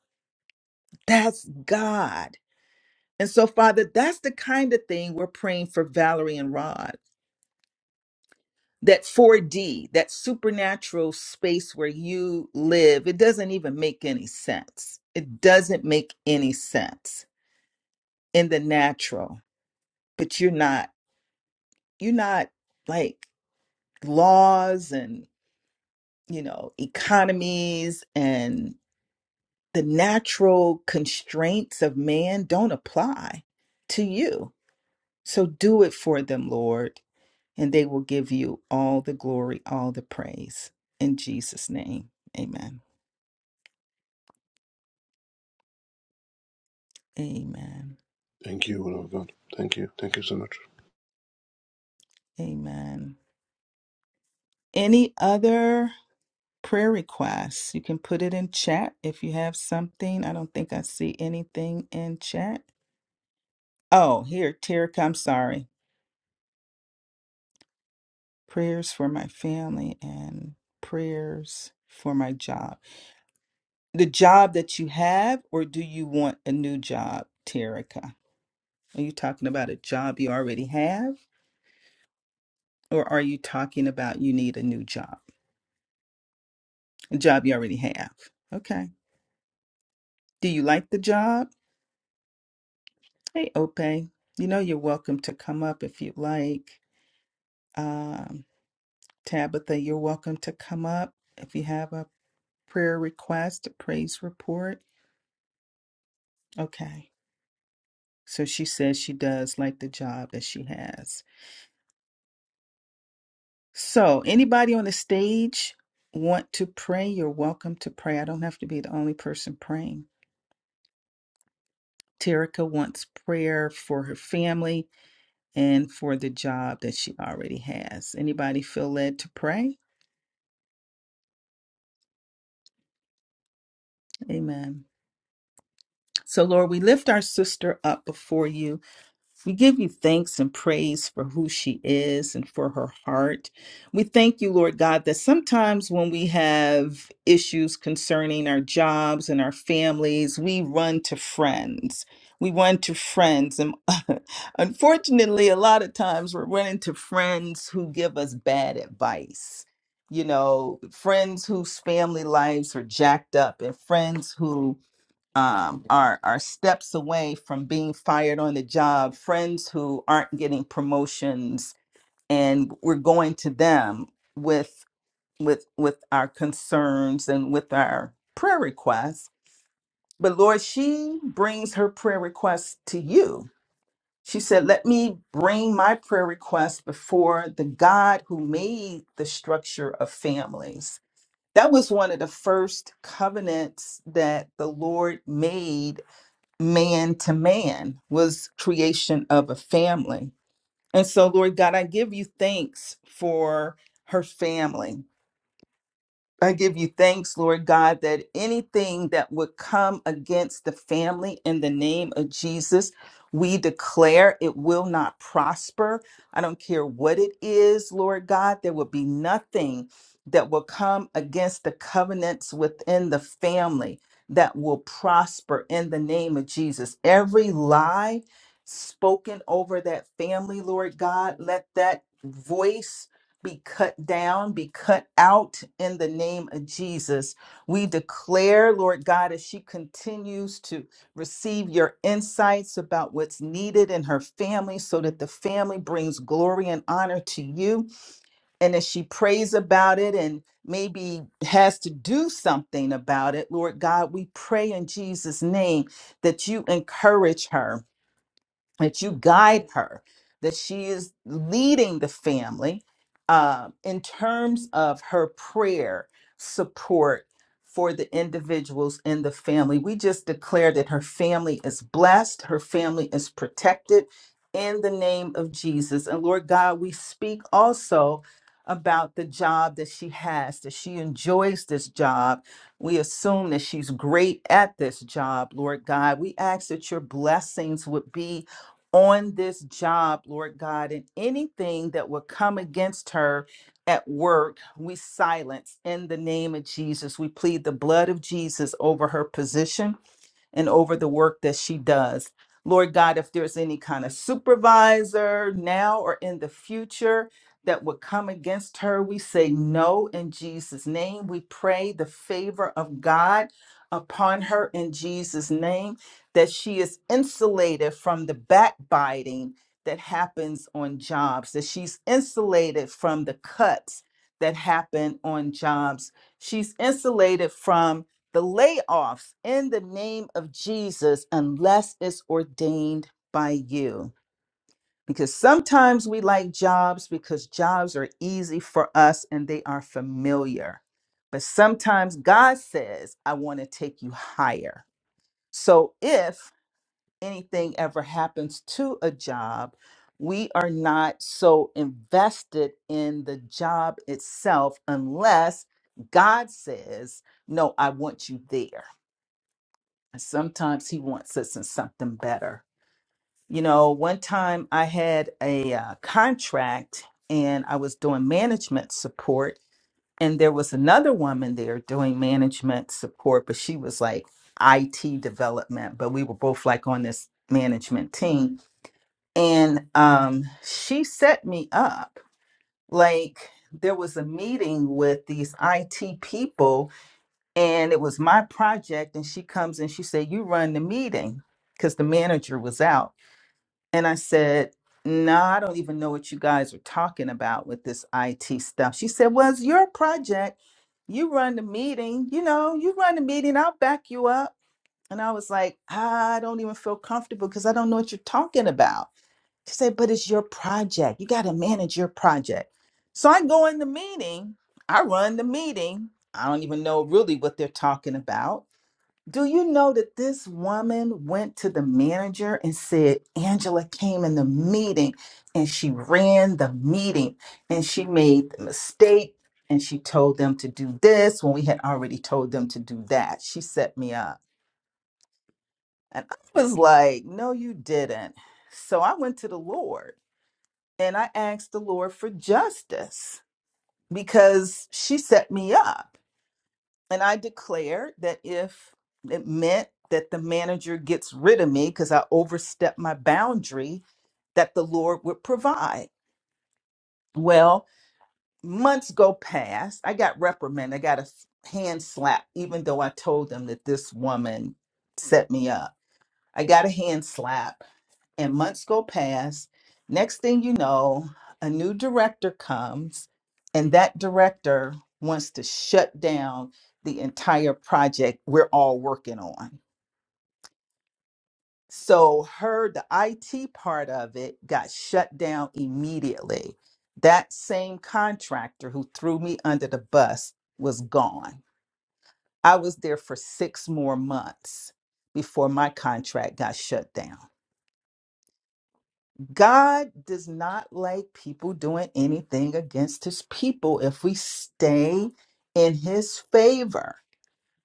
That's God And so, Father, that's the kind of thing we're praying for Valerie and Rod. That 4D, that supernatural space where you live, it doesn't even make any sense. It doesn't make any sense in the natural. But you're not, you're not like laws and, you know, economies and the natural constraints of man don't apply to you. So do it for them, Lord and they will give you all the glory, all the praise. In Jesus' name, amen. Amen.
Thank you, woman of God. Thank you. Thank you so much.
Amen. Any other prayer requests? You can put it in chat if you have something. I don't think I see anything in chat. Oh, here, Terica, I'm sorry. Prayers for my family and prayers for my job. The job that you have, or do you want a new job, Terica? Are you talking about a job you already have? Or are you talking about you need a new job, a job you already have? Okay. Do you like the job? Hey, Ope, you know you're welcome to come up if you'd like. Um, Tabitha, you're welcome to come up if you have a prayer request, a praise report. Okay. So she says she does like the job that she has. So, anybody on the stage want to pray? You're welcome to pray. I don't have to be the only person praying. Terica wants prayer for her family. and for the job that she already has. Anybody feel led to pray? Amen. So, Lord, we lift our sister up before you. We give you thanks and praise for who she is and for her heart. We thank you, Lord God, that sometimes when we have issues concerning our jobs and our families, we run to friends. We run to friends. And unfortunately, a lot of times we're running to friends who give us bad advice. You know, friends whose family lives are jacked up and friends who um, are are steps away from being fired on the job, friends who aren't getting promotions, and we're going to them with with with our concerns and with our prayer requests. But Lord, she brings her prayer requests to you. She said, "Let me bring my prayer requests before the God who made the structure of families." That was one of the first covenants that the Lord made man to man was creation of a family and so lord god i give you thanks for her family I give you thanks, Lord God, that anything that would come against the family in the name of Jesus, we declare it will not prosper. I don't care what it is, Lord God, there will be nothing that will come against the covenants within the family that will prosper in the name of Jesus. Every lie spoken over that family, Lord God, let that voice be cut down, be cut out in the name of Jesus. We declare, Lord God, as she continues to receive your insights about what's needed in her family so that the family brings glory and honor to you. And as she prays about it and maybe has to do something about it, Lord God, we pray in Jesus' name that you encourage her that you guide her, that she is leading the family uh, in terms of her prayer support for the individuals in the family. We just declare that her family is blessed, her family is protected in the name of Jesus. And Lord God, we speak also about the job that she has, that she enjoys this job. We assume that she's great at this job, Lord God. We ask that your blessings would be on this job, Lord God, and anything that will come against her at work, we silence in the name of Jesus. We plead the blood of Jesus over her position and over the work that she does. Lord God, if there's any kind of supervisor now or in the future that would come against her, we say no in Jesus' name. We pray the favor of God upon her in Jesus' name, that she is insulated from the backbiting that happens on jobs, that she's insulated from the cuts that happen on jobs. She's insulated from the layoffs in the name of Jesus unless it's ordained by you. Because sometimes we like jobs because jobs are easy for us and they are familiar. But sometimes God says, I want to take you higher. So if anything ever happens to a job, we are not so invested in the job itself unless God says, No, I want you there. And sometimes he wants us in something better. You know, one time I had a uh, contract and I was doing management support, and there was another woman there doing management support, but she was like IT development, but we were both like on this management team. And um, she set me up. Like, there was a meeting with these IT people and it was my project and she comes and she said you run the meeting because the manager was out and i said no i don't even know what you guys are talking about with this it stuff she said well it's your project you run the meeting you know you run the meeting i'll back you up and i was like i don't even feel comfortable because i don't know what you're talking about she said, but it's your project. You got to manage your project. So I go in the meeting, I run the meeting. I don't even know really what they're talking about. Do you know that this woman went to the manager and said, Angela came in the meeting and she ran the meeting and she made the mistake and she told them to do this when we had already told them to do that? She set me up. And I was like, no, you didn't. So I went to the Lord and I asked the Lord for justice because she set me up. And I declared that if it meant that the manager gets rid of me because I overstepped my boundary, that the Lord would provide. Well, months go past. I got reprimanded. I got a hand slap, even though I told them that this woman set me up. I got a hand slap and months go past. Next thing you know, a new director comes, and that director wants to shut down the entire project we're all working on. So, her, the IT part of it got shut down immediately. That same contractor who threw me under the bus was gone. I was there for six more months before my contract got shut down. God does not like people doing anything against his people if we stay in his favor.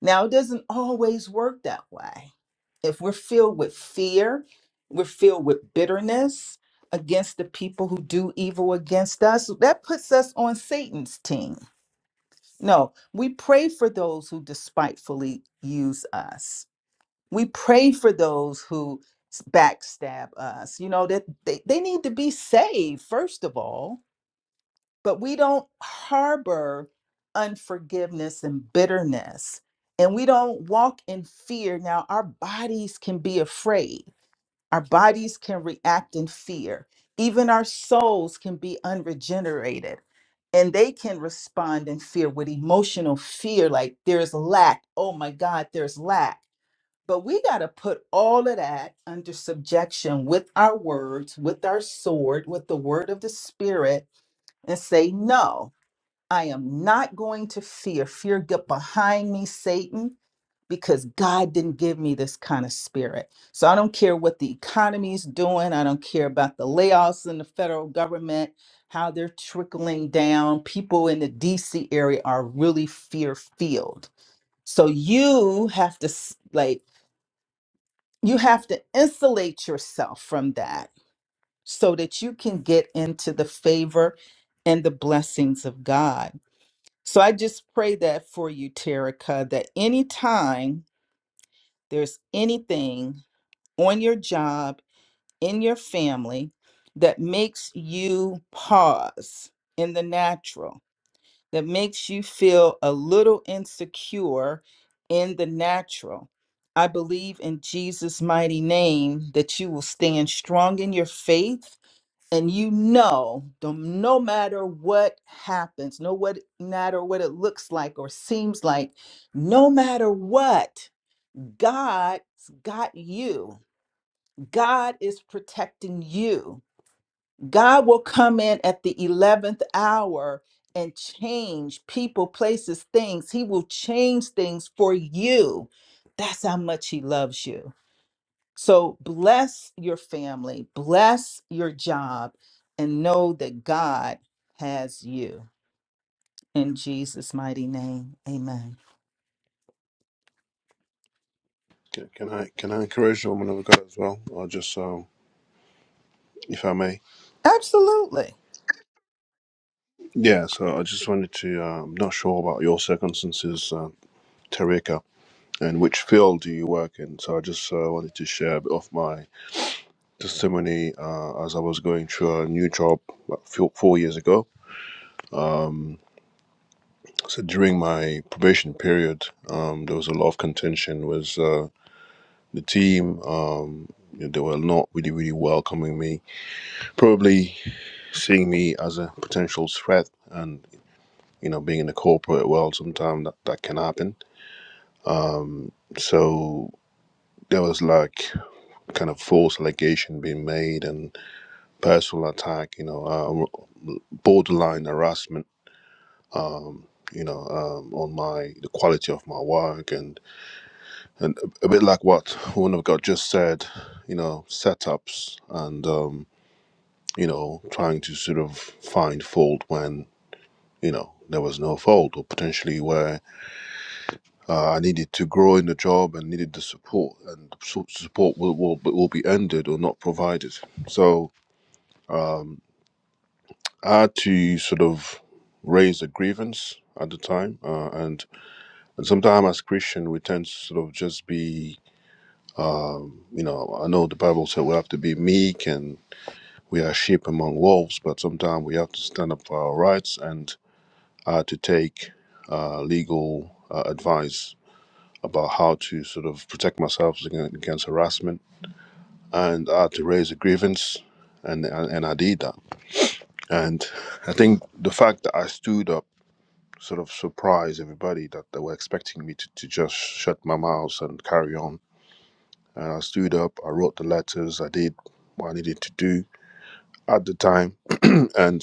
Now, it doesn't always work that way. If we're filled with fear, we're filled with bitterness against the people who do evil against us, that puts us on Satan's team. No, we pray for those who despitefully use us. We pray for those who s- backstab us, you know, that they, they need to be saved, first of all, but we don't harbor unforgiveness and bitterness. And we don't walk in fear. Now, our bodies can be afraid, our bodies can react in fear, even our souls can be unregenerated. And they can respond in fear with emotional fear, like there's lack. Oh my God, there's lack but we got to put all of that under subjection with our words, with our sword, with the word of the Spirit, and say, No, I am not going to fear. Fear, get behind me, Satan, because God didn't give me this kind of spirit. So I don't care what the economy is doing. I don't care about the layoffs in the federal government, how they're trickling down. People in the DC area are really fear filled. So you have to s- like you have to insulate yourself from that so that you can get into the favor and the blessings of God. So I just pray that for you, Terica, that anytime there's anything on your job, in your family, that makes you pause in the natural that makes you feel a little insecure in the natural. I believe in Jesus' mighty name that you will stand strong in your faith and you know no no matter what happens, no what matter what it looks like or seems like, no matter what, God's got you. God is protecting you. God will come in at the 11th hour and change people, places, things. He will change things for you. That's how much He loves you. So bless your family, bless your job, and know that God has you. In Jesus' mighty name, amen.
Can, can I can I encourage the woman of God as well? Or just um, if I may.
Absolutely.
Yeah, so I just wanted to uh, I'm not sure about your circumstances, uh, Tarika, and which field do you work in. So I just uh, wanted to share a bit of my testimony uh, as I was going through a new job about four four years ago So during my probation period, um, there was a lot of contention. Was uh, the team? Um, you know, they were not really, really welcoming me. Probably seeing me as a potential threat, and you know, being in the corporate world, sometimes that, that can happen. Um, so there was like kind of false allegation being made and personal attack. You know, uh, borderline harassment. You know, um, on my the quality of my work and. and a a bit like what one of God just said, you know, setups and um, you know trying to sort of find fault when you know there was no fault, or potentially where uh, I needed to grow in the job and needed the support, and so- support will, will will be ended or not provided. So I had to sort of raise a grievance at the time, uh, and and sometimes as Christian we tend to sort of just be, you know, I know the Bible said we have to be meek and we are sheep among wolves, but sometimes we have to stand up for our rights and uh, to take uh, legal uh, advice about how to sort of protect myself against, against harassment and I had to raise a grievance. And, and, and I did that. And I think the fact that I stood up sort of surprised everybody that they were expecting me to, to just shut my mouth and carry on. And I stood up, I wrote the letters, I did what I needed to do at the time. And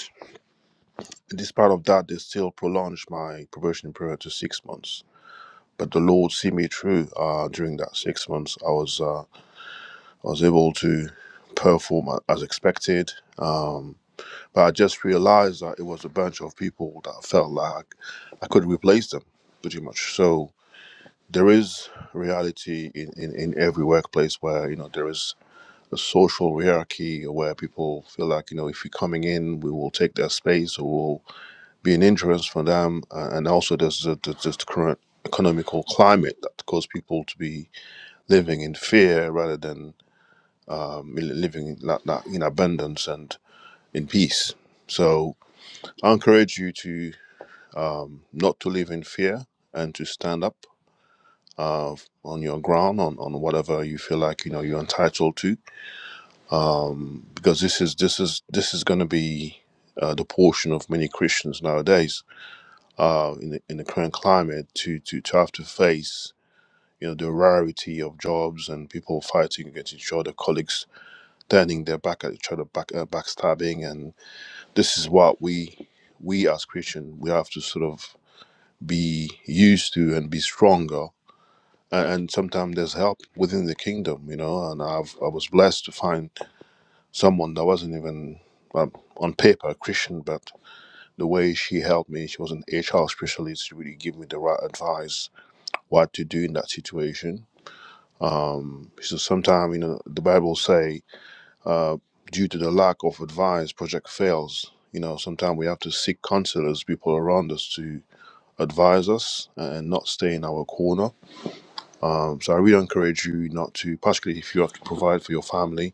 Despite of that, they still prolonged my probation period to six months. But the Lord see me through uh, during that six months. I was uh, I was able to perform as expected. Um, but I just realized that it was a bunch of people that I felt like I could replace them pretty much. So there is reality in, in, in every workplace where, you know, there is a social hierarchy where people feel like, you know, if you're coming in, we will take their space or be an interest for them, uh, and also there's the, the, just the current economical climate that causes people to be living in fear rather than um, living in, that, that, in abundance and in peace. So I encourage you to um, not to live in fear and to stand up uh, on your ground on, on whatever you feel like you know you're entitled to, because this is this is this is going to be uh, the portion of many Christians nowadays uh, in the, in the current climate to, to to have to face you know the rarity of jobs and people fighting against each other, colleagues turning their back at each other, back uh, backstabbing, and this is what we we as Christians, we have to sort of be used to and be stronger. A- And sometimes there's help within the kingdom, you know. And I've I was blessed to find someone that wasn't even um, on paper a Christian, but the way she helped me, she was an HR specialist. She really gave me the right advice what to do in that situation. So sometimes you know the Bible say uh, due to the lack of advice, project fails. You know, sometimes we have to seek counselors, people around us to advise us and not stay in our corner. Um, so I really encourage you not to, particularly if you have to provide for your family.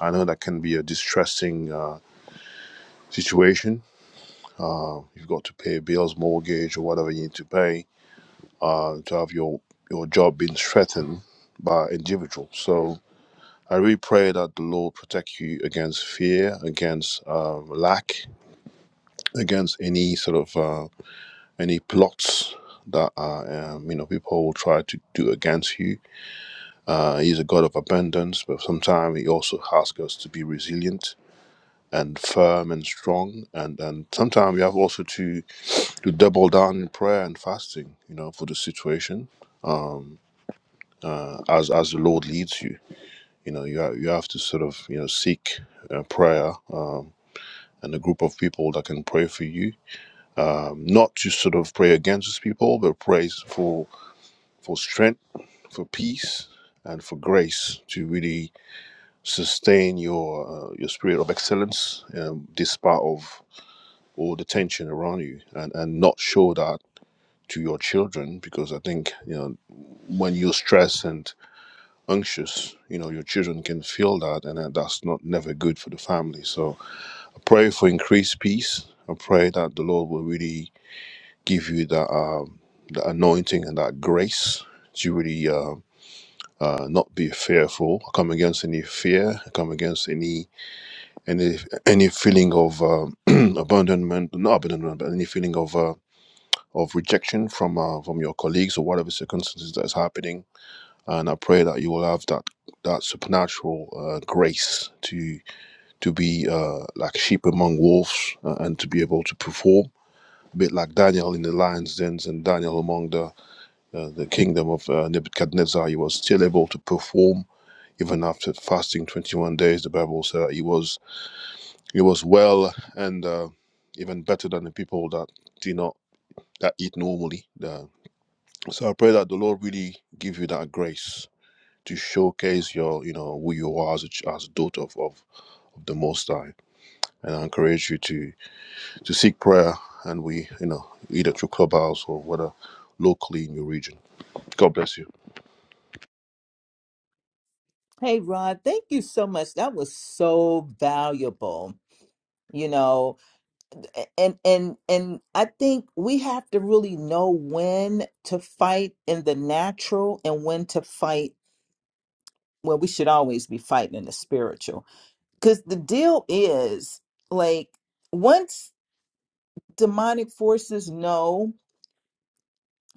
I know that can be a distressing uh, situation. You've got to pay bills, mortgage, or whatever you need to pay uh, to have your, your job being threatened by individuals. So I really pray that the Lord protect you against fear, against um, lack, against any sort of uh, any plots that are, um, you know people will try to do against you. Uh, he's a god of abundance, but sometimes he also asks us to be resilient and firm and strong. And and sometimes we have also to to double down in prayer and fasting, you know, for the situation uh, as as the Lord leads you. You know, you have, you have to sort of you know seek uh, prayer. Um, and a group of people that can pray for you, um, not to sort of pray against these people, but praise for for strength, for peace, and for grace to really sustain your uh, your spirit of excellence um, despite of all the tension around you, and and not show that to your children because I think you know when you're stressed and anxious, you know your children can feel that, and that's not never good for the family. So I pray for increased peace. I pray that the Lord will really give you that um, the anointing and that grace to really. uh, uh, not be fearful. I come against any fear. I come against any any any feeling of um, abandonment, not abandonment, but any feeling of uh, of rejection from uh, from your colleagues or whatever circumstances that's happening. And I pray that you will have that that supernatural uh, grace to to be uh, like sheep among wolves uh, and to be able to perform. A bit like Daniel in the lion's dens and Daniel among the uh, the kingdom of uh, Nebuchadnezzar, he was still able to perform even after fasting 21 days the bible said that he was he was well and uh, even better than the people that do not that eat normally Uh, so i pray that the lord really give you that grace to showcase your you know who you are as a, as a daughter of, of, of the most high and i encourage you to to seek prayer and we you know either through clubhouse or whether locally in your region god bless you
Hey, Rod, thank you so much. That was so valuable. You know, and and and I think we have to really know when to fight in the natural and when to fight. Well, we should always be fighting in the spiritual because the deal is like once demonic forces know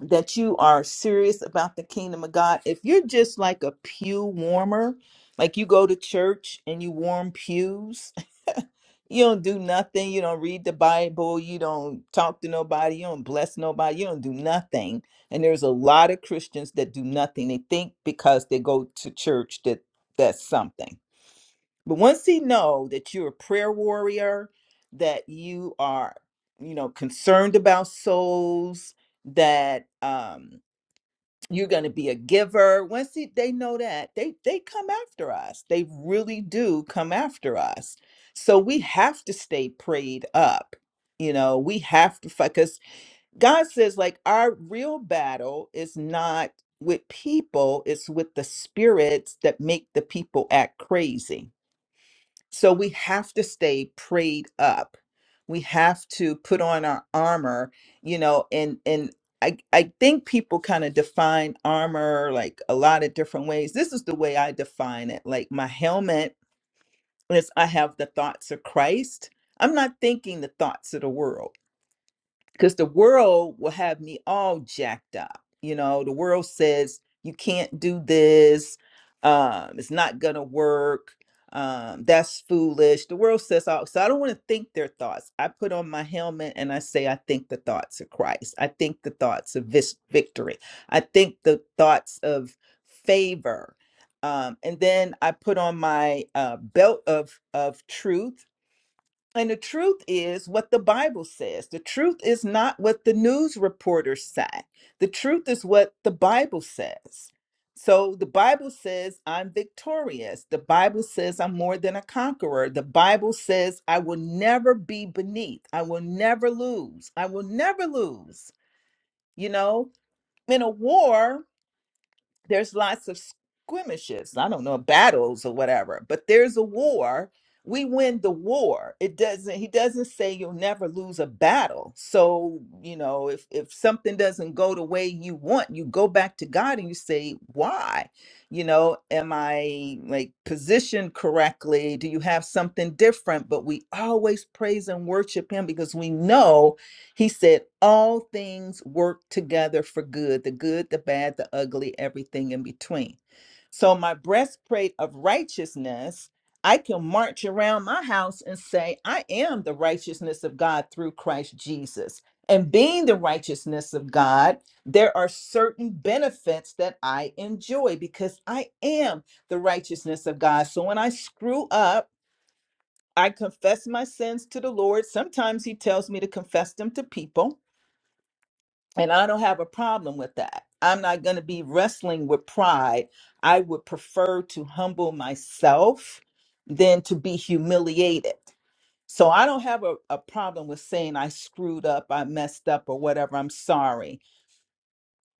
that you are serious about the kingdom of God. If you're just like a pew warmer, like you go to church and you warm pews, you don't do nothing, you don't read the Bible, you don't talk to nobody, you don't bless nobody, you don't do nothing. And there's a lot of Christians that do nothing. They think because they go to church that that's something but once he know that you're a prayer warrior, that you are, you know, concerned about souls, that um, you're going to be a giver. Once he, they know that, they they come after us. They really do come after us. So we have to stay prayed up. You know, we have to fight because God says, like, our real battle is not with people; it's with the spirits that make the people act crazy so we have to stay prayed up. We have to put on our armor, you know, and and I I think people kind of define armor like a lot of different ways. This is the way I define it. Like my helmet is I have the thoughts of Christ. I'm not thinking the thoughts of the world because the world will have me all jacked up. You know, the world says you can't do this. Um, it's not gonna work. Um, that's foolish. The world says all. So I don't want to think their thoughts. I put on my helmet and I say, I think the thoughts of Christ. I think the thoughts of this victory. I think the thoughts of favor. Um, and then I put on my uh, belt of of truth and the truth is what the Bible says. The truth is not what the news reporters say. The truth is what the Bible says. So the Bible says I'm victorious. The Bible says I'm more than a conqueror. The Bible says I will never be beneath. I will never lose. I will never lose. You know, in a war, there's lots of skirmishes i don't know battles or whatever but there's a war we win the war it doesn't he doesn't say you'll never lose a battle so you know if if something doesn't go the way you want you go back to god and you say why you know am i like positioned correctly do you have something different but we always praise and worship him because we know he said, All things work together for good the good, the bad, the ugly, everything in between. So, my breastplate of righteousness, I can march around my house and say, I am the righteousness of God through Christ Jesus. And being the righteousness of God, there are certain benefits that I enjoy because I am the righteousness of God. So, when I screw up, I confess my sins to the Lord. Sometimes He tells me to confess them to people. And I don't have a problem with that. I'm not going to be wrestling with pride. I would prefer to humble myself than to be humiliated. So I don't have a, a problem with saying I screwed up, I messed up, or whatever. I'm sorry.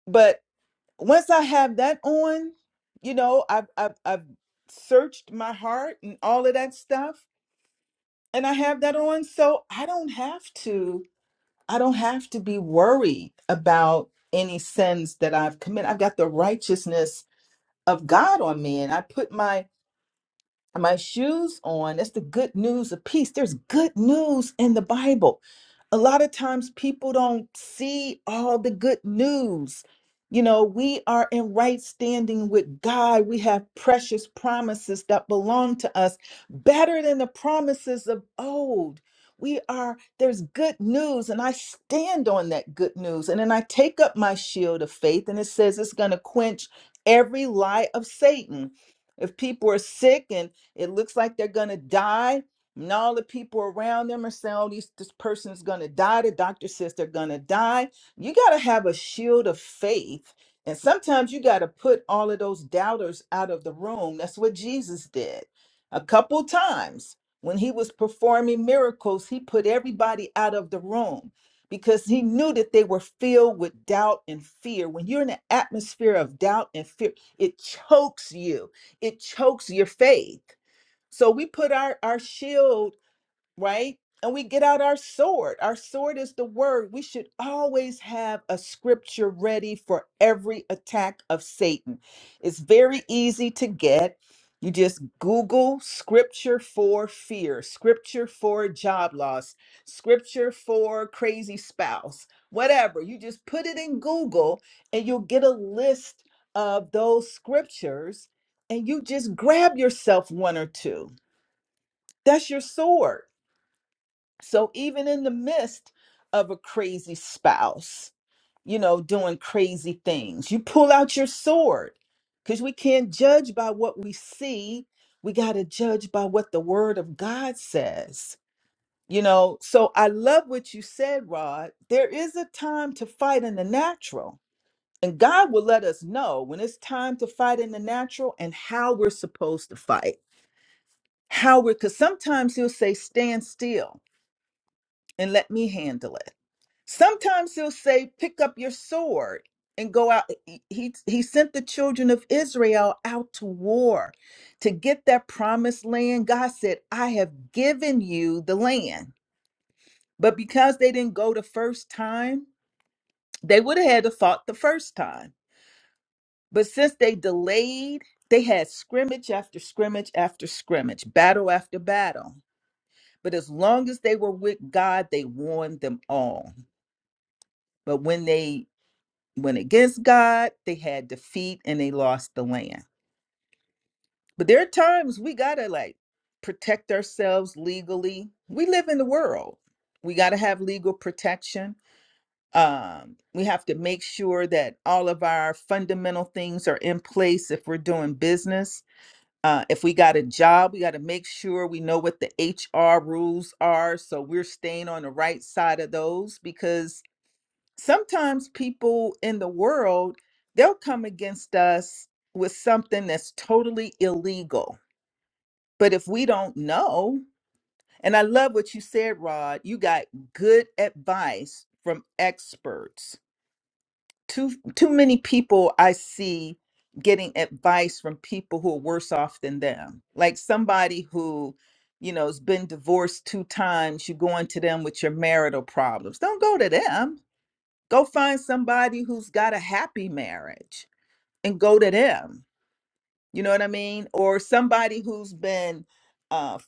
But once I have that on, you know, I've, I've, I've searched my heart and all of that stuff, and I have that on. So I don't have to I don't have to be worried about any sins that I've committed. I've got the righteousness of God on me, and I put my my shoes on. That's the good news of peace. There's good news in the Bible. A lot of times people don't see all the good news. You know, we are in right standing with God. We have precious promises that belong to us, better than the promises of old. We are, there's good news, and I stand on that good news. And then I take up my shield of faith, and it says it's going to quench every lie of Satan if people are sick and it looks like they're going to die. And all the people around them are saying, oh, these, this person's going to die. The doctor says they're going to die. You got to have a shield of faith. And sometimes you got to put all of those doubters out of the room. That's what Jesus did a couple times. When he was performing miracles, he put everybody out of the room because he knew that they were filled with doubt and fear. When you're in an atmosphere of doubt and fear, it chokes you, it chokes your faith. So we put our, our shield, right? And we get out our sword. Our sword is the word. We should always have a scripture ready for every attack of Satan. It's very easy to get. You just Google scripture for fear, scripture for job loss, scripture for crazy spouse, whatever. You just put it in Google and you'll get a list of those scriptures and you just grab yourself one or two that's your sword. So even in the midst of a crazy spouse, you know, doing crazy things, you pull out your sword because we can't judge by what we see. We got to judge by what the word of God says. You know, so I love what you said, Rod. There is a time to fight in the natural, and God will let us know when it's time to fight in the natural and how we're supposed to fight. How we're, because sometimes He'll say, stand still and let me handle it. Sometimes he'll say, Pick up your sword and go out. He, he sent the children of Israel out to war to get that promised land. God said, I have given you the land. But because they didn't go the first time, they would have had to fought the first time. But since they delayed, they had scrimmage after scrimmage after scrimmage, battle after battle. But as long as they were with God, they won them all. But when they went against God, they had defeat, and they lost the land. But there are times we gotta like protect ourselves legally. We live in the world. We gotta have legal protection. Um, we have to make sure that all of our fundamental things are in place if we're doing business. Uh, if we got a job, we got to make sure we know what the HR rules are so we're staying on the right side of those because sometimes people in the world they'll come against us with something that's totally illegal but if we don't know and i love what you said rod you got good advice from experts too too many people i see getting advice from people who are worse off than them like somebody who you know has been divorced two times you go into them with your marital problems don't go to them go find somebody who's got a happy marriage and go to them you know what i mean or somebody who's been uh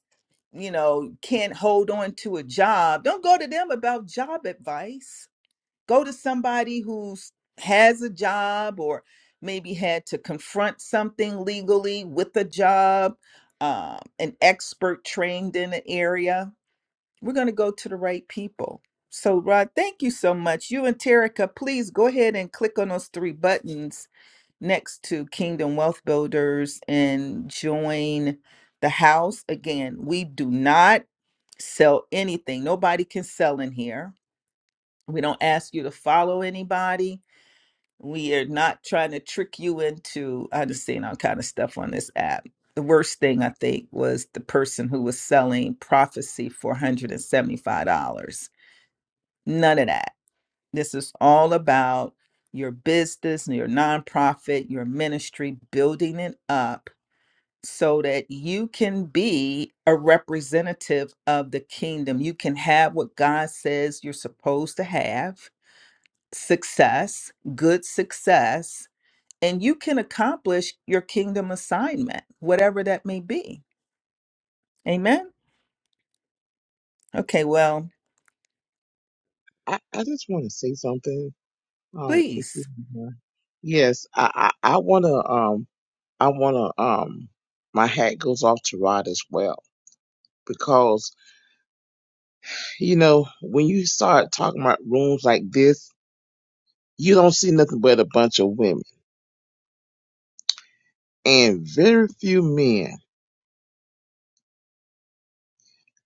you know can't hold on to a job don't go to them about job advice go to somebody who's has a job or maybe had to confront something legally with a job um, an expert trained in an area we're going to go to the right people. So, Rod, thank you so much. You and Terica, please go ahead and click on those three buttons next to Kingdom Wealth Builders and join the house. Again, we do not sell anything, nobody can sell in here. We don't ask you to follow anybody. We are not trying to trick you into, I've just seen all kind of stuff on this app. The worst thing I think was the person who was selling prophecy for $175 None of that. This is all about your business and your nonprofit, your ministry, building it up so that you can be a representative of the kingdom. You can have what God says you're supposed to have success, good success, and you can accomplish your kingdom assignment, whatever that may be. Amen. Okay, well,
I, I just want to say something. Um, if you
please.
don't mind. yes, I, I I wanna um I wanna um my hat goes off to Rod as well because You know, when you start talking about rooms like this, you don't see nothing but a bunch of women and very few men.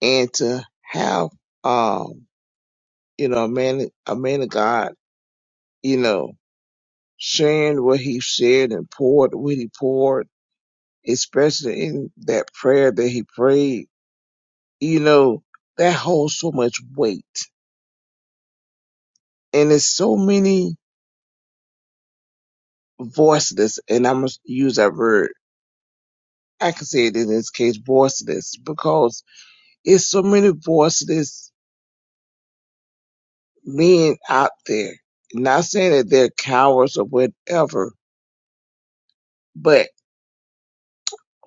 And to have, um, you know, a man, a man of God, you know, sharing what he shared and poured what he poured, especially in that prayer that he prayed, you know, that holds so much weight. And there's so many voiceless, and I'm gonna use that word. I can say it in this case, voiceless, because It's so many voiceless men out there. Not saying that they're cowards or whatever, but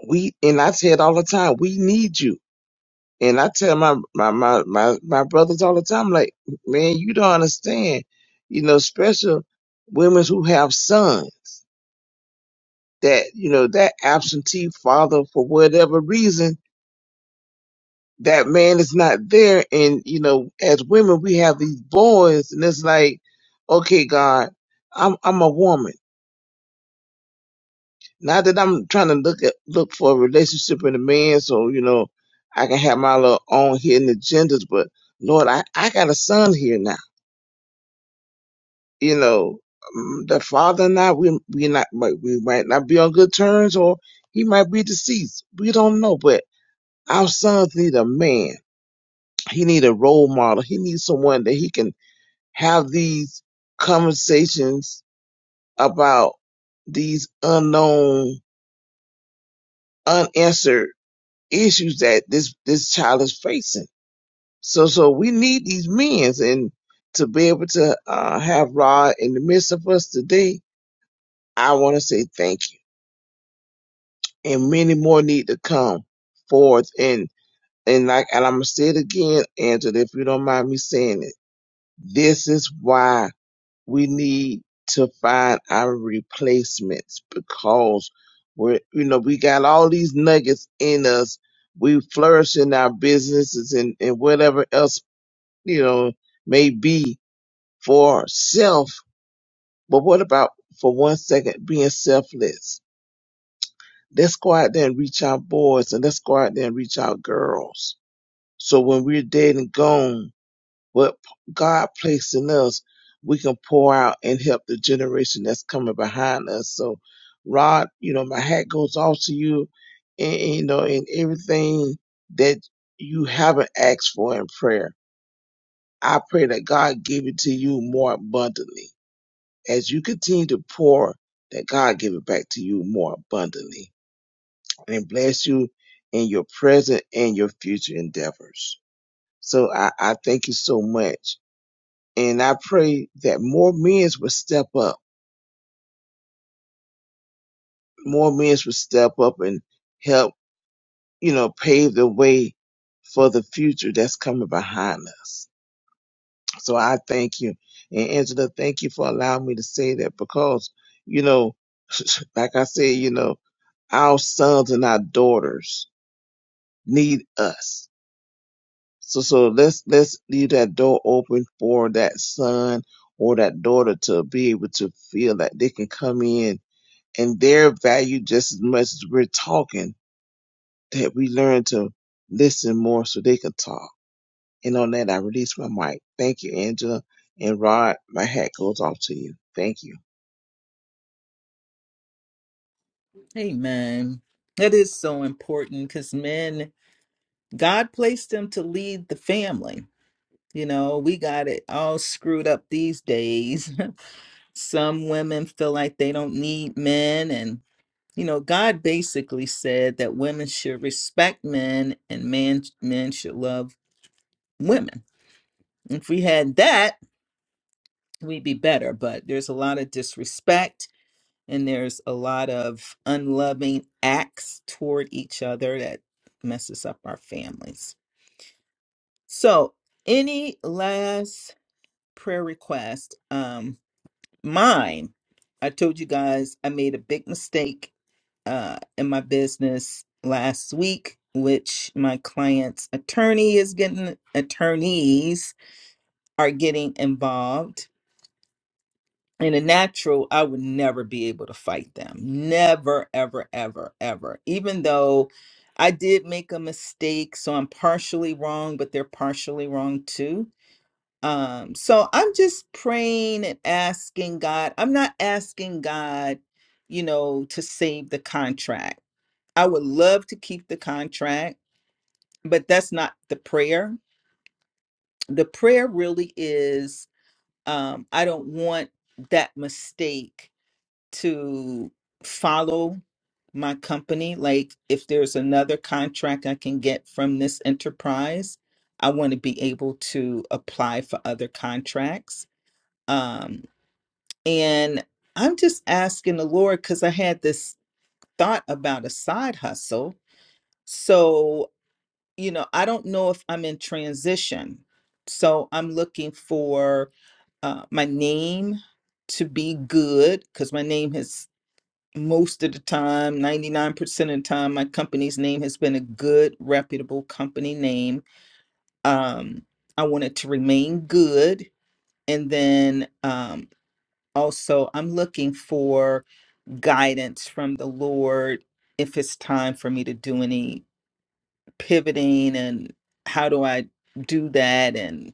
we and I say it all the time, we need you. And I tell my my my my, my brothers all the time, like, man, you don't understand. You know, special women who have sons that, you know, that absentee father for whatever reason that man is not there. And, you know, as women, we have these boys and it's like, okay, God, I'm, I'm a woman. Not that I'm trying to look at, look for a relationship in a man. So, you know, I can have my little own hidden agendas, but Lord, I, I got a son here now, you know, um, the father and I, we, we not, might- we might not be on good terms or he might be deceased. We don't know, but our sons need a man. He need a role model. He needs someone that he can have these conversations about these unknown, unanswered issues that this, this child is facing. So, so we need these men and to be able to uh, have Rod in the midst of us today, I want to say thank you. And many more need to come forth. And, and like, and I'm going to say it again, Angela, if you don't mind me saying it, this is why we need to find our replacements because we're you know we got all these nuggets in us we flourish in our businesses and, and whatever else you know may be for self but what about for one second being selfless let's go out there and reach our boys and let's go out there and reach our girls so when we're dead and gone what God placed in us, we can pour out and help the generation that's coming behind us. So, Rod, you know, my hat goes off to you, and, and, you know, and everything that you haven't asked for in prayer. I pray that God give it to you more abundantly as you continue to pour. That God give it back to you more abundantly and bless you in your present and your future endeavors. So I, I thank you so much And I pray that more men would step up, more men would step up and help, you know, pave the way for the future that's coming behind us. So I thank you. And Angela, thank you for allowing me to say that because, you know, like I said, you know, our sons and our daughters need us. So, so let's, let's leave that door open for that son or that daughter to be able to feel that they can come in and they're valued just as much as we're talking, that we learn to listen more so they can talk. And on that, I release my mic. Thank you, Angela. And Rod, my hat goes off to you. Thank you.
Amen. That is so important because men God placed them to lead the family. You know, we got it all screwed up these days. Some women feel like they don't need men. And, you know, God basically said that women should respect men and man, men should love women. If we had that, we'd be better. But there's a lot of disrespect and there's a lot of unloving acts toward each other that messes up our families. So, any last prayer request. Um, mine. I told you guys I made a big mistake uh, in my business last week, which my client's attorney is getting attorneys are getting involved. In a natural, I would never be able to fight them. Never, ever, ever, ever. Even though I did make a mistake, so I'm partially wrong, but they're partially wrong too Um, so I'm just praying and asking God. I'm not asking God, you know, to save the contract. I would love to keep the contract, but that's not the prayer. The prayer really is um, I don't want that mistake to follow my company. Like if there's another contract I can get from this enterprise, I want to be able to apply for other contracts Um, And I'm just asking the Lord because I had this thought about a side hustle. So, you know, I don't know if I'm in transition. So I'm looking for uh, my name to be good because my name has most of the time 99% of the time my company's name has been a good reputable company name um i want it to remain good and then um also i'm looking for guidance from the Lord if it's time for me to do any pivoting and how do I do that and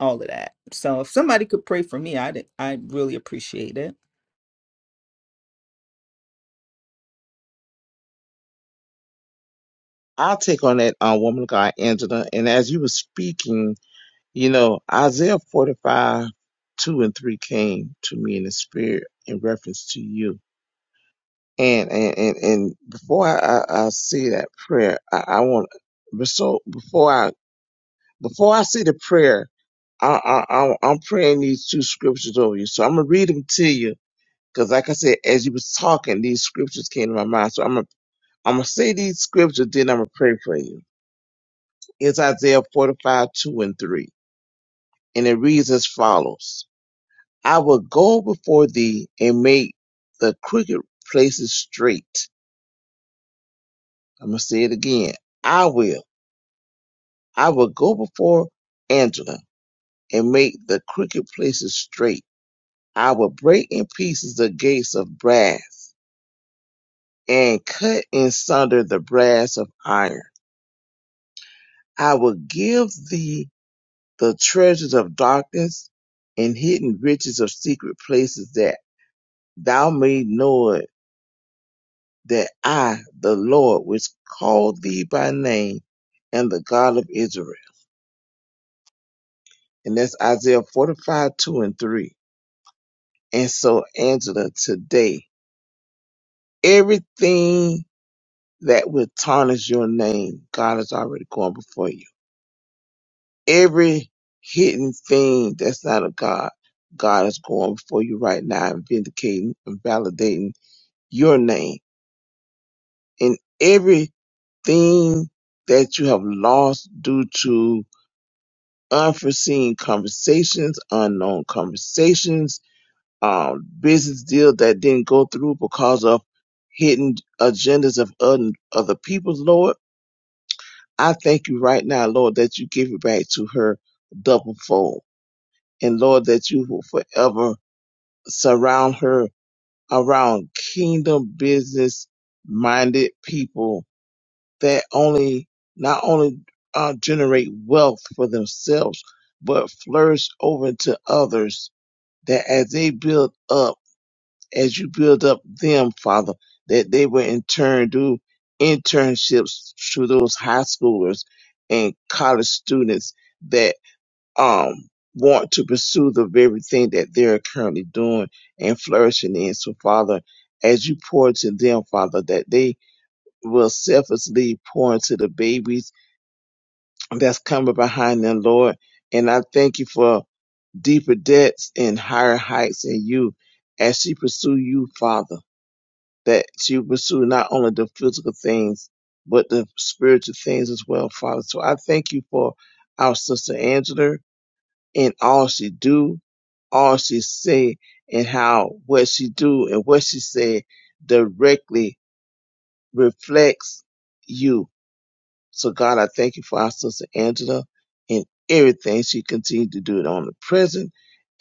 all of that. So if somebody could pray for me, I'd I'd really appreciate it.
I'll take on that uh, woman of God, Angela. And as you were speaking, you know, Isaiah 45, 2 and 3 came to me in the spirit in reference to you. And and, and, and before I, I, I say that prayer, I, I want, so before I. Before I say the prayer, I, I, I, I'm praying these two scriptures over you. So I'm gonna read them to you because, like I said, as you was talking, these scriptures came to my mind. So I'm gonna I'm gonna say these scriptures, then I'm gonna pray for you. It's Isaiah 45, 2 and 3. And it reads as follows. I will go before thee and make the crooked places straight. I'm gonna say it again. I will. I will go before Angela and make the crooked places straight I will break in pieces the gates of brass, and cut in sunder the brass of iron. I will give thee the treasures of darkness and hidden riches of secret places, that thou may know it, that I, the Lord, which called thee by name, am the God of Israel. And that's Isaiah 45, 2 and 3. And so, Angela, today, everything that will tarnish your name. God is already going before you. Every hidden thing that's not of God, God is going before you right now and vindicating and validating your name. And everything that you have lost due to unforeseen conversations, unknown conversations, um, business deal that didn't go through because of hidden agendas of other, other people's Lord I thank you right now, Lord, that you give it back to her double fold. And Lord, that you will forever surround her around kingdom business minded people that only, not only uh, generate wealth for themselves, but flourish over to others that as they build up as you build up them, Father, that they will in turn do internships to those high schoolers and college students that um want to pursue the very thing that they're currently doing and flourishing in. So Father, as you pour to them, Father, that they will selflessly pour into the babies that's coming behind them, Lord. And I thank you for deeper depths and higher heights in you as she pursue you, Father that she pursue not only the physical things, but the spiritual things as well, Father. So I thank you for our sister Angela and all she do, all she say, and how what she do and what she say directly reflects you. So God, I thank you for our sister Angela and everything she continued to do on the present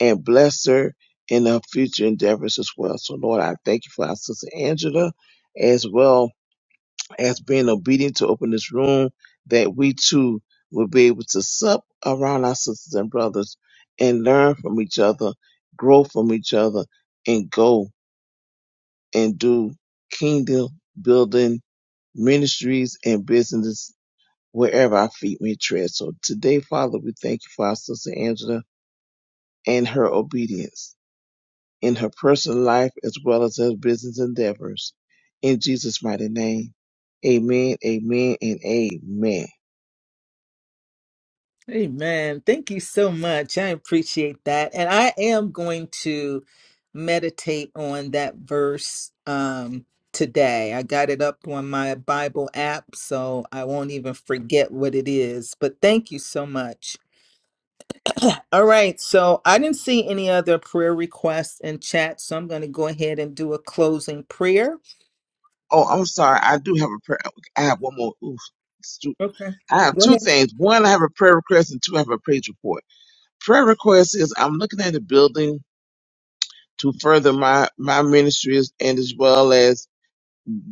and bless her in her future endeavors as well. So Lord, I thank you for our sister Angela as well as being obedient to open this room, that we too will be able to sup around our sisters and brothers and learn from each other, grow from each other, and go and do kingdom building ministries and business wherever our feet may tread. So today, Father, we thank you for our sister Angela and her obedience in her personal life as well as her business endeavors. In Jesus' mighty name, amen, amen, and amen.
Amen. Thank you so much. I appreciate that. And I am going to meditate on that verse um, today. I got it up on my Bible app, so I won't even forget what it is. But thank you so much. All right. So I didn't see any other prayer requests in chat, so I'm going to go ahead and do a closing prayer.
Oh, I'm sorry. I do have a prayer. I have one more. Oof. It's two-
Okay.
I have
Go
two
ahead.
things. One, I have a prayer request, and two, I have a praise report. Prayer request is I'm looking at a building to further my my ministries, and as well as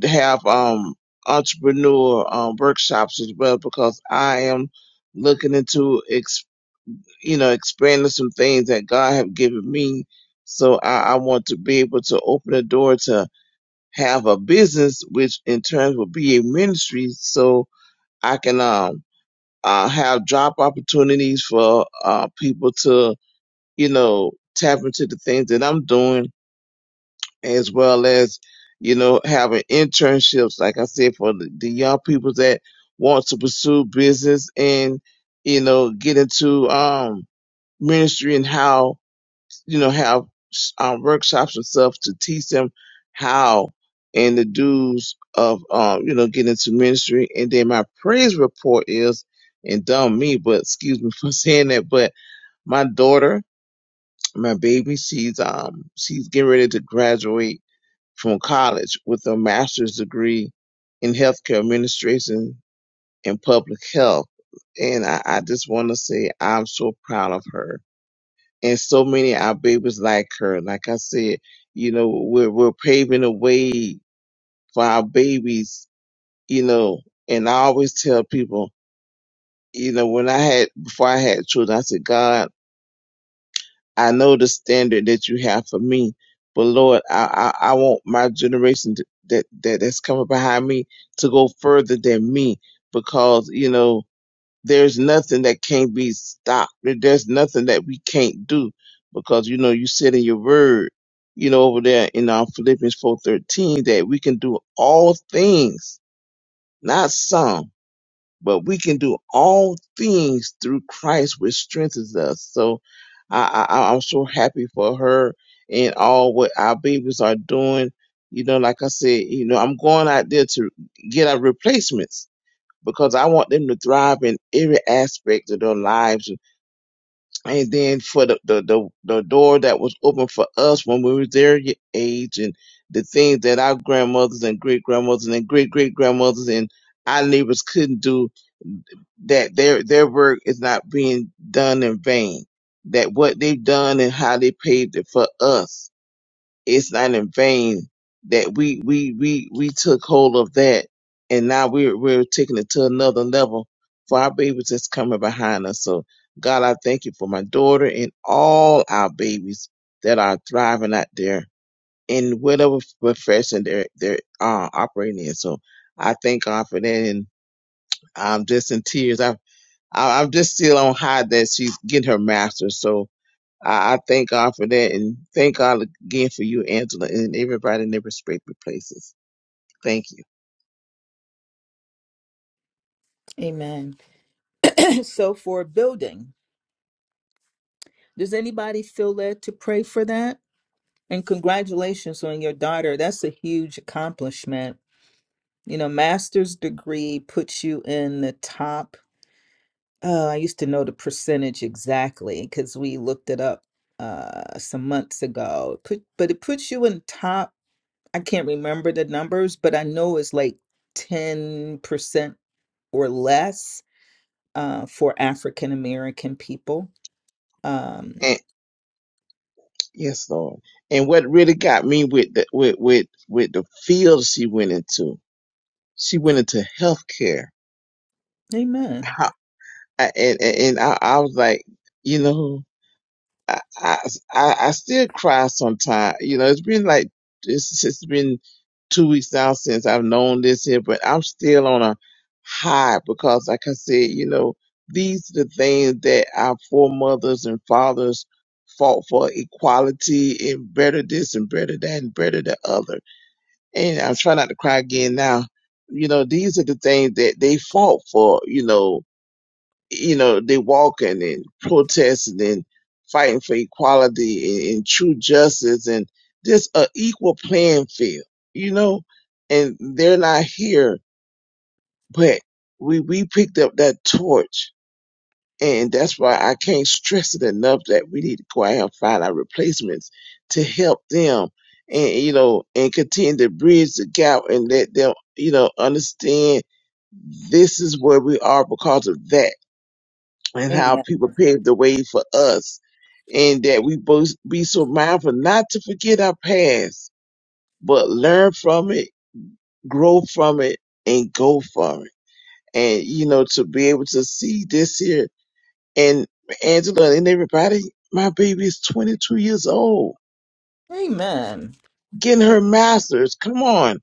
to have um entrepreneur um, workshops as well, because I am looking into ex, you know expanding some things that God have given me. So I, I want to be able to open a door to have a business, which in turn will be a ministry. So I can um uh, have job opportunities for uh, people to you know tap into the things that I'm doing, as well as you know having internships, like I said, for the, the young people that want to pursue business and you know get into um ministry and how you know, have um, workshops and stuff to teach them how and the dues of, um, you know, getting into ministry. And then my praise report is, and dumb me, but excuse me for saying that, but my daughter, my baby, she's, um, she's getting ready to graduate from college with a master's degree in healthcare administration and public health. And I, I just want to say I'm so proud of her and so many of our babies like her. Like I said, you know, we're we're paving the way for our babies, you know. And I always tell people, you know, when I had before I had children, I said, God, I know the standard that you have for me, but Lord, I I, I want my generation to, that that that's coming behind me to go further than me because you know there's nothing that can't be stopped. There- There's nothing that we can't do because you know you said in your word, you know over there in um, Philippians four thirteen that we can do all things, not some, but we can do all things through Christ which strengthens us. So I, I I- I'm so happy for her and all what our babies are doing. You know, like I said, you know, I'm going out there to get our replacements because I want them to thrive in every aspect of their lives. And then for the, the, the, the door that was open for us when we were their age and the things that our grandmothers and great grandmothers and great great grandmothers and our neighbors couldn't do, that their, their work is not being done in vain. That what they've done and how they paved it for us it's not in vain that we we we we took hold of that and now we're we're taking it to another level for our babies that's coming behind us. So God, I thank you for my daughter and all our babies that are thriving out there in whatever profession they're they're uh, operating in. So I thank God for that and I'm just in tears. I, I I'm just still on high that she's getting her master's. So I, I thank God for that and thank God again for you, Angela, and everybody in their respective places. Thank you.
Amen. so for building, does anybody feel led to pray for that? And congratulations on your daughter. That's a huge accomplishment. You know, master's degree puts you in the top. Uh, I used to know the percentage exactly because we looked it up uh, some months ago. Put, but it puts you in top. I can't remember the numbers, but I know it's like 10% or less uh, for African American people. Um,
And yes, Lord. And what really got me with the with with, with the field she went into, she went into healthcare.
amen.
How, I- and and and I, I was like, you know. I, I, I I still cry sometimes. You know, it's been like it's, it's been two weeks now since I've known this here, but I'm still on a high because, like I said, you know, these are the things that our foremothers and fathers fought for equality and better this and better that and better the other. And I'm trying not to cry again now. You know, these are the things that they fought for, you know, you know, they walking and protesting and fighting for equality and, and true justice and just a equal playing field, you know, and they're not here, but we, we picked up that torch. And that's why I can't stress it enough that we need to go out here and find our replacements to help them and, you know, and continue to bridge the gap and let them, you know, understand this is where we are because of that and how
Amen.
people paved the way for us, and that we both be so mindful not to forget our past, but learn from it, grow from it, and go from it. And you know, to be able to see this here and Angela and everybody, my baby is 22 years old,
Amen.
getting her
Amen.
master's. Come on.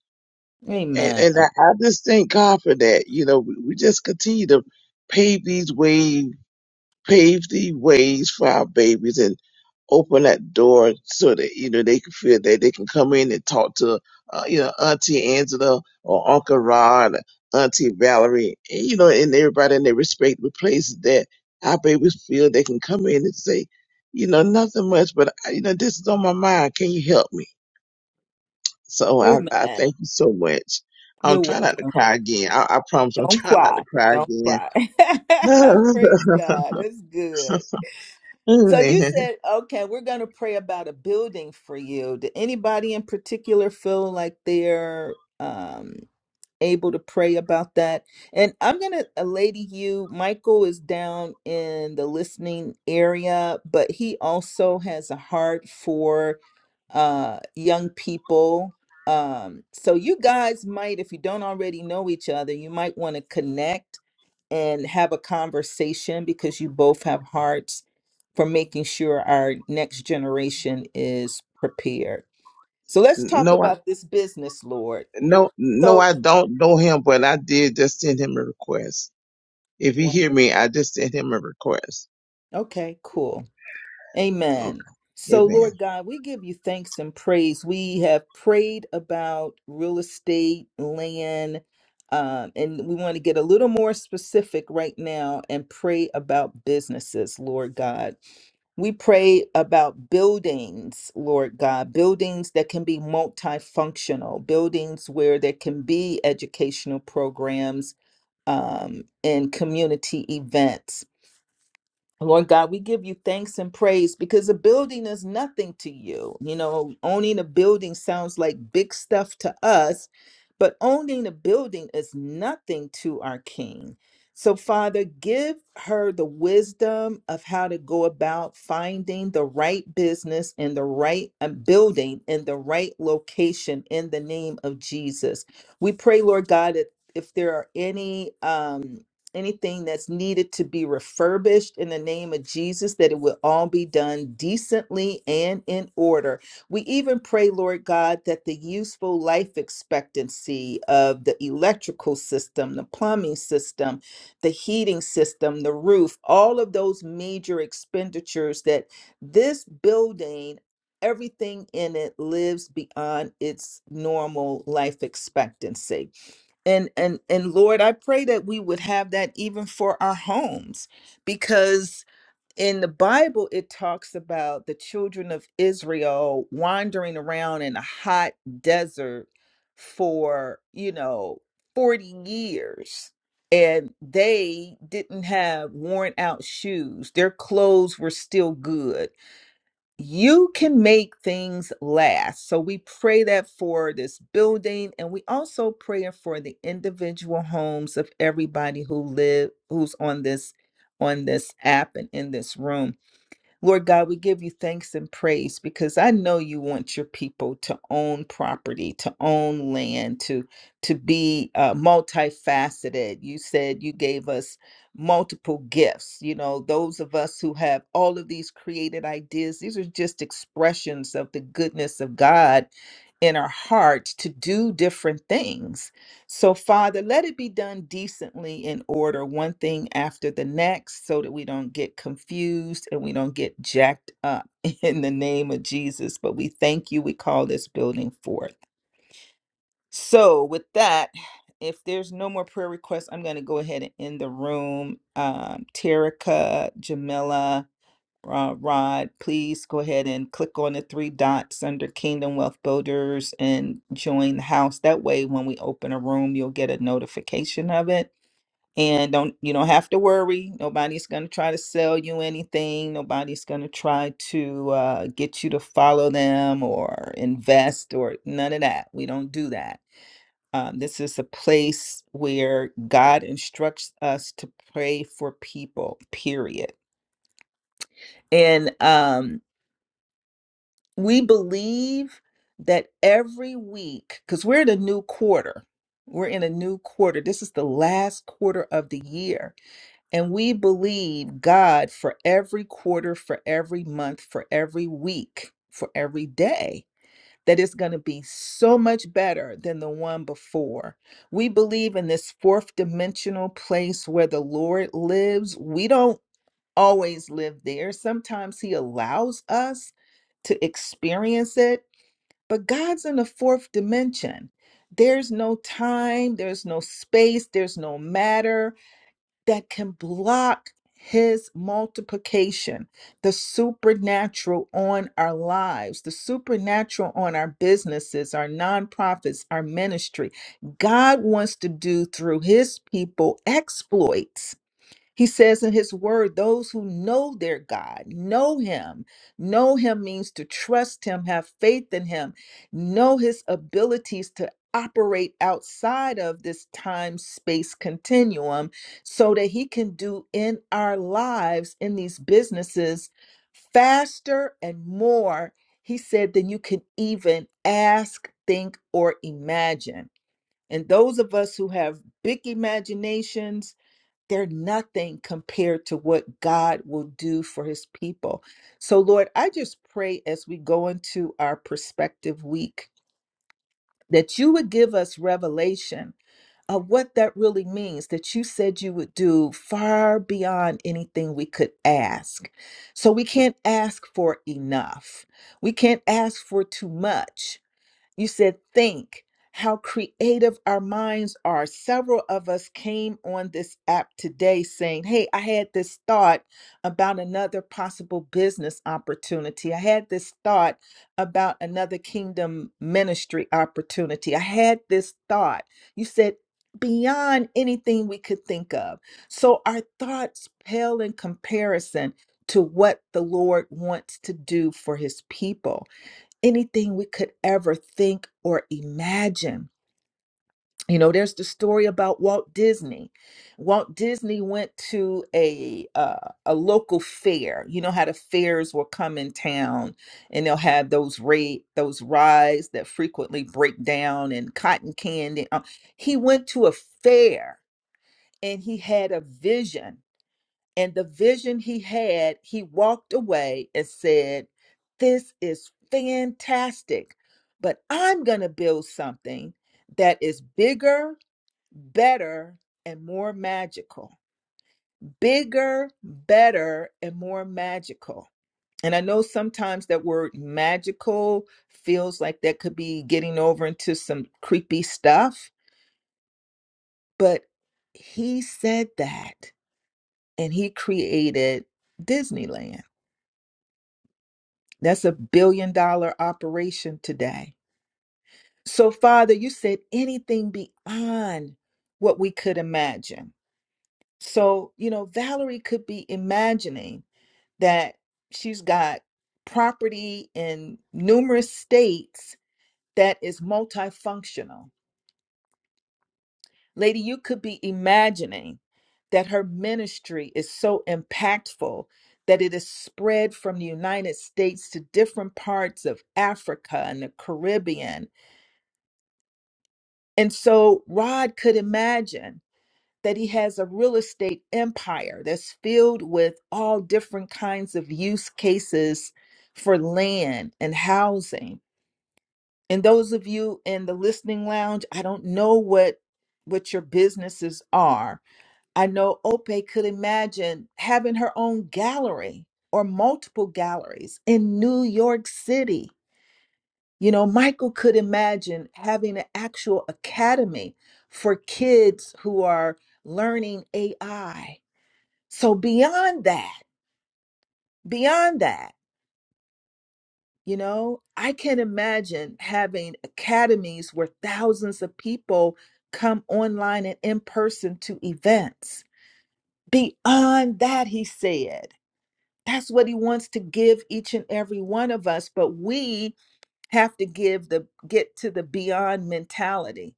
And,
Amen.
and I, I just thank God for that. You know, we, we just continue to pave these ways pave the ways for our babies and open that door so that you know they can feel that they can come in and talk to uh, you know Auntie Angela or Uncle Rod, Auntie Valerie, and, you know, and everybody in their respective places that our babies feel they can come in and say, you know, nothing much, but uh, you know, this is on my mind. Can you help me? So I, I
Amen.
thank you so much. I'm
You're
trying not to
welcome.
cry again. I, I promise I'm
Don't
trying not
cry.
to cry
Don't cry. Praise God. That's good. So you
again.
said, okay, we're going to pray about a building for you. Did anybody in particular feel like they're um, able to pray about that. And I'm going to lady you. Michael is down in the listening area, but he also has a heart for uh, young people. Um, so you guys might, if you don't already know each other, you might want to connect and have a conversation because you both have hearts for making sure our next generation is prepared. So let's talk
no,
about this business, Lord.
No, no,
So,
I don't know him, but I did just send him a request. If he
wonderful.
hear me, I just sent him a request.
Okay, cool. Amen.
Okay.
So,
Amen.
Lord God, we give you thanks and praise. We have prayed about real estate, land, um, and we want to get a little more specific right now and pray about businesses, Lord God. We pray about buildings, Lord God, buildings that can be multifunctional, buildings where there can be educational programs um, and community events. Lord God, we give you thanks and praise because a building is nothing to you. You know, owning a building sounds like big stuff to us, but owning a building is nothing to our King. So, Father, give her the wisdom of how to go about finding the right business and the right uh, building in the right location in the name of Jesus. We pray, Lord God, that if there are any, um anything that's needed to be refurbished in the name of Jesus, that it will all be done decently and in order. We even pray, Lord God, that the useful life expectancy of the electrical system, the plumbing system, the heating system, the roof, all of those major expenditures that this building. Everything in it lives beyond its normal life expectancy and and and lord i pray that we would have that even for our homes because in the bible it talks about the children of israel wandering around in a hot desert for you know 40 years and they didn't have worn out shoes their clothes were still good you can make things last. So we pray that for this building and we also pray for the individual homes of everybody who live who's on this on this app and in this room. Lord God, we give you thanks and praise because I know you want your people to own property, to own land, to to be uh, multifaceted. You said you gave us multiple gifts. You know, those of us who have all of these created ideas, these are just expressions of the goodness of God in our hearts to do different things so, Father, let it be done decently in order, one thing after the next, so that we don't get confused and we don't get jacked up in the name of Jesus. But we thank you. We call this building forth. So, with that, if there's no more prayer requests, I'm going to go ahead and end the room. Um, Terica, Jamila, uh, Rod, please go ahead and click on the three dots under Kingdom Wealth Builders and join the house. That way, when we open a room, you'll get a notification of it. And don't you don't have to worry. Nobody's going to try to sell you anything. Nobody's going to try to uh, get you to follow them or invest or none of that. We don't do that. Um, this is a place where God instructs us to pray for people. Period. And um, we believe that every week, because we're in a new quarter, we're in a new quarter. This is the last quarter of the year. And we believe God for every quarter, for every month, for every week, for every day, that it's going to be so much better than the one before. We believe in this fourth dimensional place where the Lord lives. We don't always live there. Sometimes He allows us to experience it, but God's in the fourth dimension. There's no time, there's no space, there's no matter that can block His multiplication, the supernatural on our lives, the supernatural on our businesses, our nonprofits, our ministry. God wants to do through His people exploits he says in his word, those who know their God, know him. Know him means to trust him, have faith in him, know his abilities to operate outside of this time space continuum so that he can do in our lives, in these businesses, faster and more, he said, than you can even ask, think, or imagine. And those of us who have big imaginations, they're nothing compared to what God will do for his people. So, Lord, I just pray as we go into our perspective week that you would give us revelation of what that really means that you said you would do far beyond anything we could ask. So, we can't ask for enough, we can't ask for too much. You said, think how creative our minds are. Several of us came on this app today saying, Hey, I had this thought about another possible business opportunity. I had this thought about another kingdom ministry opportunity. I had this thought. You said, Beyond anything we could think of. So our thoughts pale in comparison to what the Lord wants to do for his people anything we could ever think or imagine. You know, there's the story about Walt Disney. Walt Disney went to a uh, a local fair. You know how the fairs will come in town, and they'll have those raid those rides that frequently break down and cotton candy. Uh, he went to a fair and he had a vision and the vision he had, he walked away and said, This is fantastic, but I'm going to build something that is bigger, better, and more magical. Bigger, better, and more magical. And I know sometimes that word magical feels like that could be getting over into some creepy stuff, but he said that and he created Disneyland. That's a billion dollar operation today. So, Father, you said anything beyond what we could imagine. So, you know, Valerie could be imagining that she's got property in numerous states that is multifunctional. Lady, you could be imagining that her ministry is so impactful that it is spread from the United States to different parts of Africa and the Caribbean And so Rod could imagine that he has a real estate empire that's filled with all different kinds of use cases for land and housing. And those of you in the listening lounge, I don't know what what your businesses are. I know Ope could imagine having her own gallery or multiple galleries in New York City you know, Michael could imagine having an actual academy for kids who are learning AI. So, beyond that, beyond that, you know, I can imagine having academies where thousands of people come online and in person to events. Beyond that, he said, that's what he wants to give each and every one of us. But we have to give the get to the beyond mentality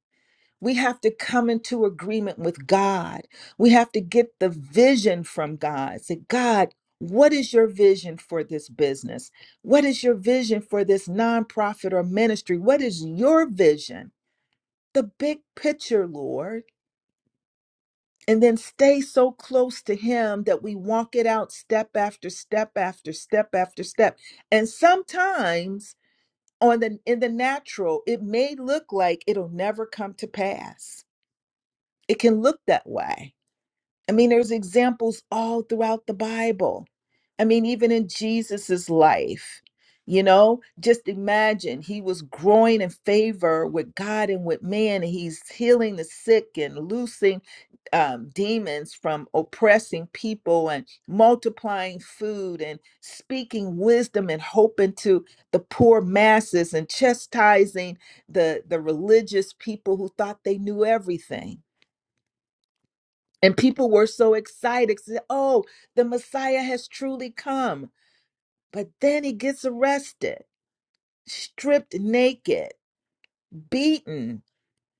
We have to come into agreement with God. We have to get the vision from God. Say, God, what is your vision for this business? What is your vision for this nonprofit or ministry? What is your vision? The big picture, Lord. And then stay so close to Him that we walk it out step after step after step after step. And sometimes, on the in the natural, it may look like it'll never come to pass. It can look that way I mean, there's examples all throughout the Bible. I mean, even in Jesus's life, you know, just imagine he was growing in favor with God and with man. And he's healing the sick and loosing um, demons from oppressing people and multiplying food and speaking wisdom and hope into the poor masses and chastising the, the religious people who thought they knew everything and people were so excited. Said, oh, the Messiah has truly come. But then he gets arrested, stripped naked, beaten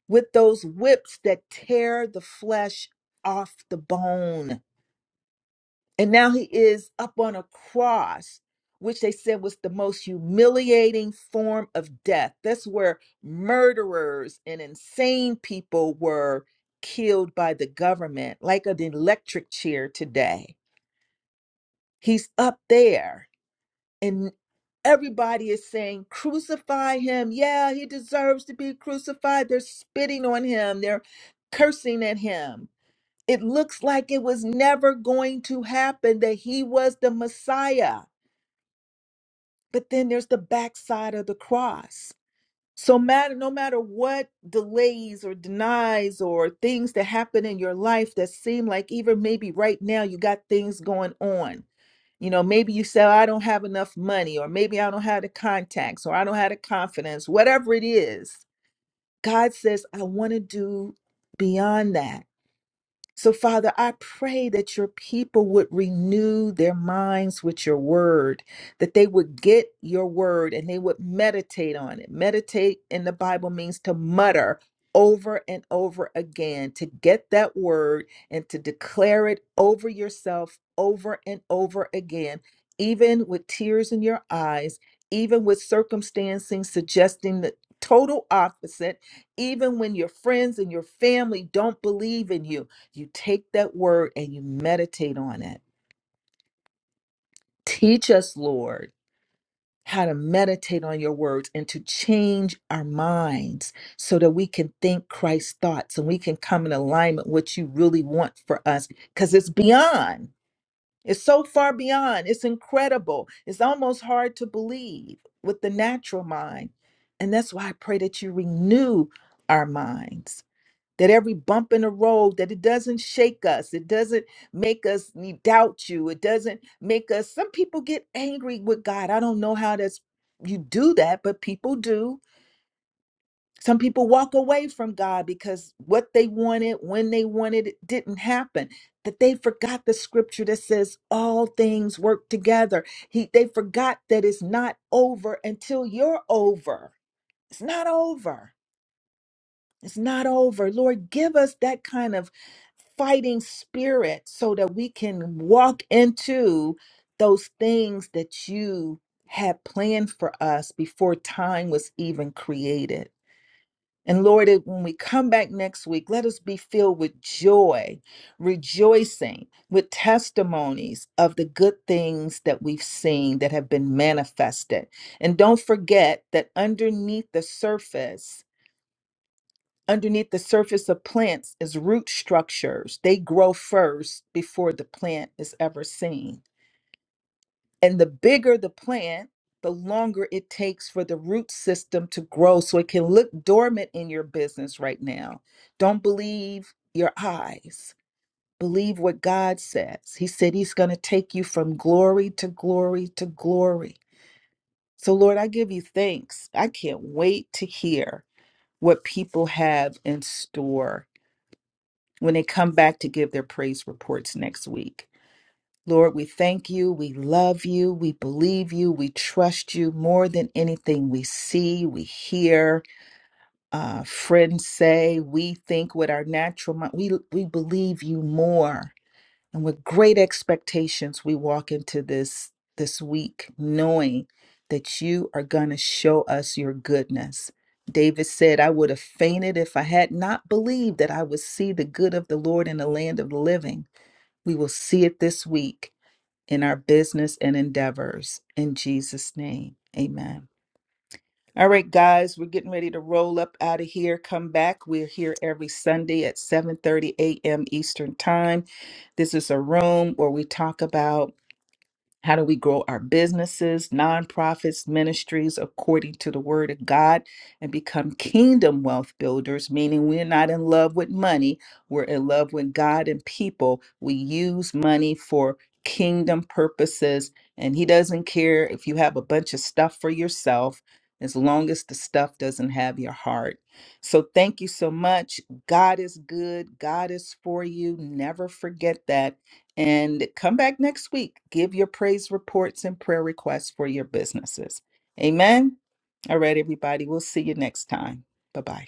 with those whips that tear the flesh off the bone. And now he is up on a cross, which they said was the most humiliating form of death. That's where murderers and insane people were killed by the government, like an electric chair today He's up there and everybody is saying, crucify him. Yeah, he deserves to be crucified. They're spitting on him, they're cursing at him. It looks like it was never going to happen that he was the Messiah. But then there's the backside of the cross. So matter no matter what delays or denies or things that happen in your life that seem like even maybe right now you got things going on you know, maybe you say, I don't have enough money, or maybe I don't have the contacts, or I don't have the confidence, whatever it is. God says, I want to do beyond that. So, Father, I pray that your people would renew their minds with your word, that they would get your word and they would meditate on it. Meditate in the Bible means to mutter over and over again, to get that word and to declare it over yourself over and over again, even with tears in your eyes, even with circumstances suggesting the total opposite, even when your friends and your family don't believe in you you take that word and you meditate on it. Teach us, Lord, how to meditate on your words and to change our minds so that we can think Christ's thoughts and we can come in alignment with what you really want for us because it's beyond. It's so far beyond. It's incredible. It's almost hard to believe with the natural mind. And that's why I pray that you renew our minds that every bump in the road that it doesn't shake us it doesn't make us ne- doubt you it doesn't make us some people get angry with god i don't know how that's you do that but people do some people walk away from god because what they wanted when they wanted it didn't happen that they forgot the scripture that says all things work together he they forgot that it's not over until you're over it's not over it's not over. Lord, give us that kind of fighting spirit so that we can walk into those things that you had planned for us before time was even created. And Lord, it- when we come back next week, let us be filled with joy, rejoicing, with testimonies of the good things that we've seen that have been manifested. And don't forget that underneath the surface, underneath the surface of plants is root structures. They grow first before the plant is ever seen. And the bigger the plant, the longer it takes for the root system to grow. So it can look dormant in your business right now. Don't believe your eyes. Believe what God says. He said He's going to take you from glory to glory to glory. So, Lord, I give you thanks. I can't wait to hear what people have in store when they come back to give their praise reports next week. Lord, we thank you. We love you. We believe you. We trust you more than anything we see, we hear, uh, friends say. We think with our natural mind. We, we believe you more and with great expectations, we walk into this this week knowing that you are going to show us your goodness. David said, I would have fainted if I had not believed that I would see the good of the Lord in the land of the living. We will see it this week in our business and endeavors. In Jesus' name, amen. All right, guys, we're getting ready to roll up out of here. Come back. We're here every Sunday at 7:30 a.m. Eastern Time. This is a room where we talk about how do we grow our businesses, nonprofits, ministries according to the word of God and become kingdom wealth builders? Meaning, we're not in love with money, we're in love with God and people. We use money for kingdom purposes, and He doesn't care if you have a bunch of stuff for yourself. As long as the stuff doesn't have your heart. So, thank you so much. God is good. God is for you. Never forget that and come back next week. Give your praise reports and prayer requests for your businesses. Amen. All right, everybody. We'll see you next time. Bye bye.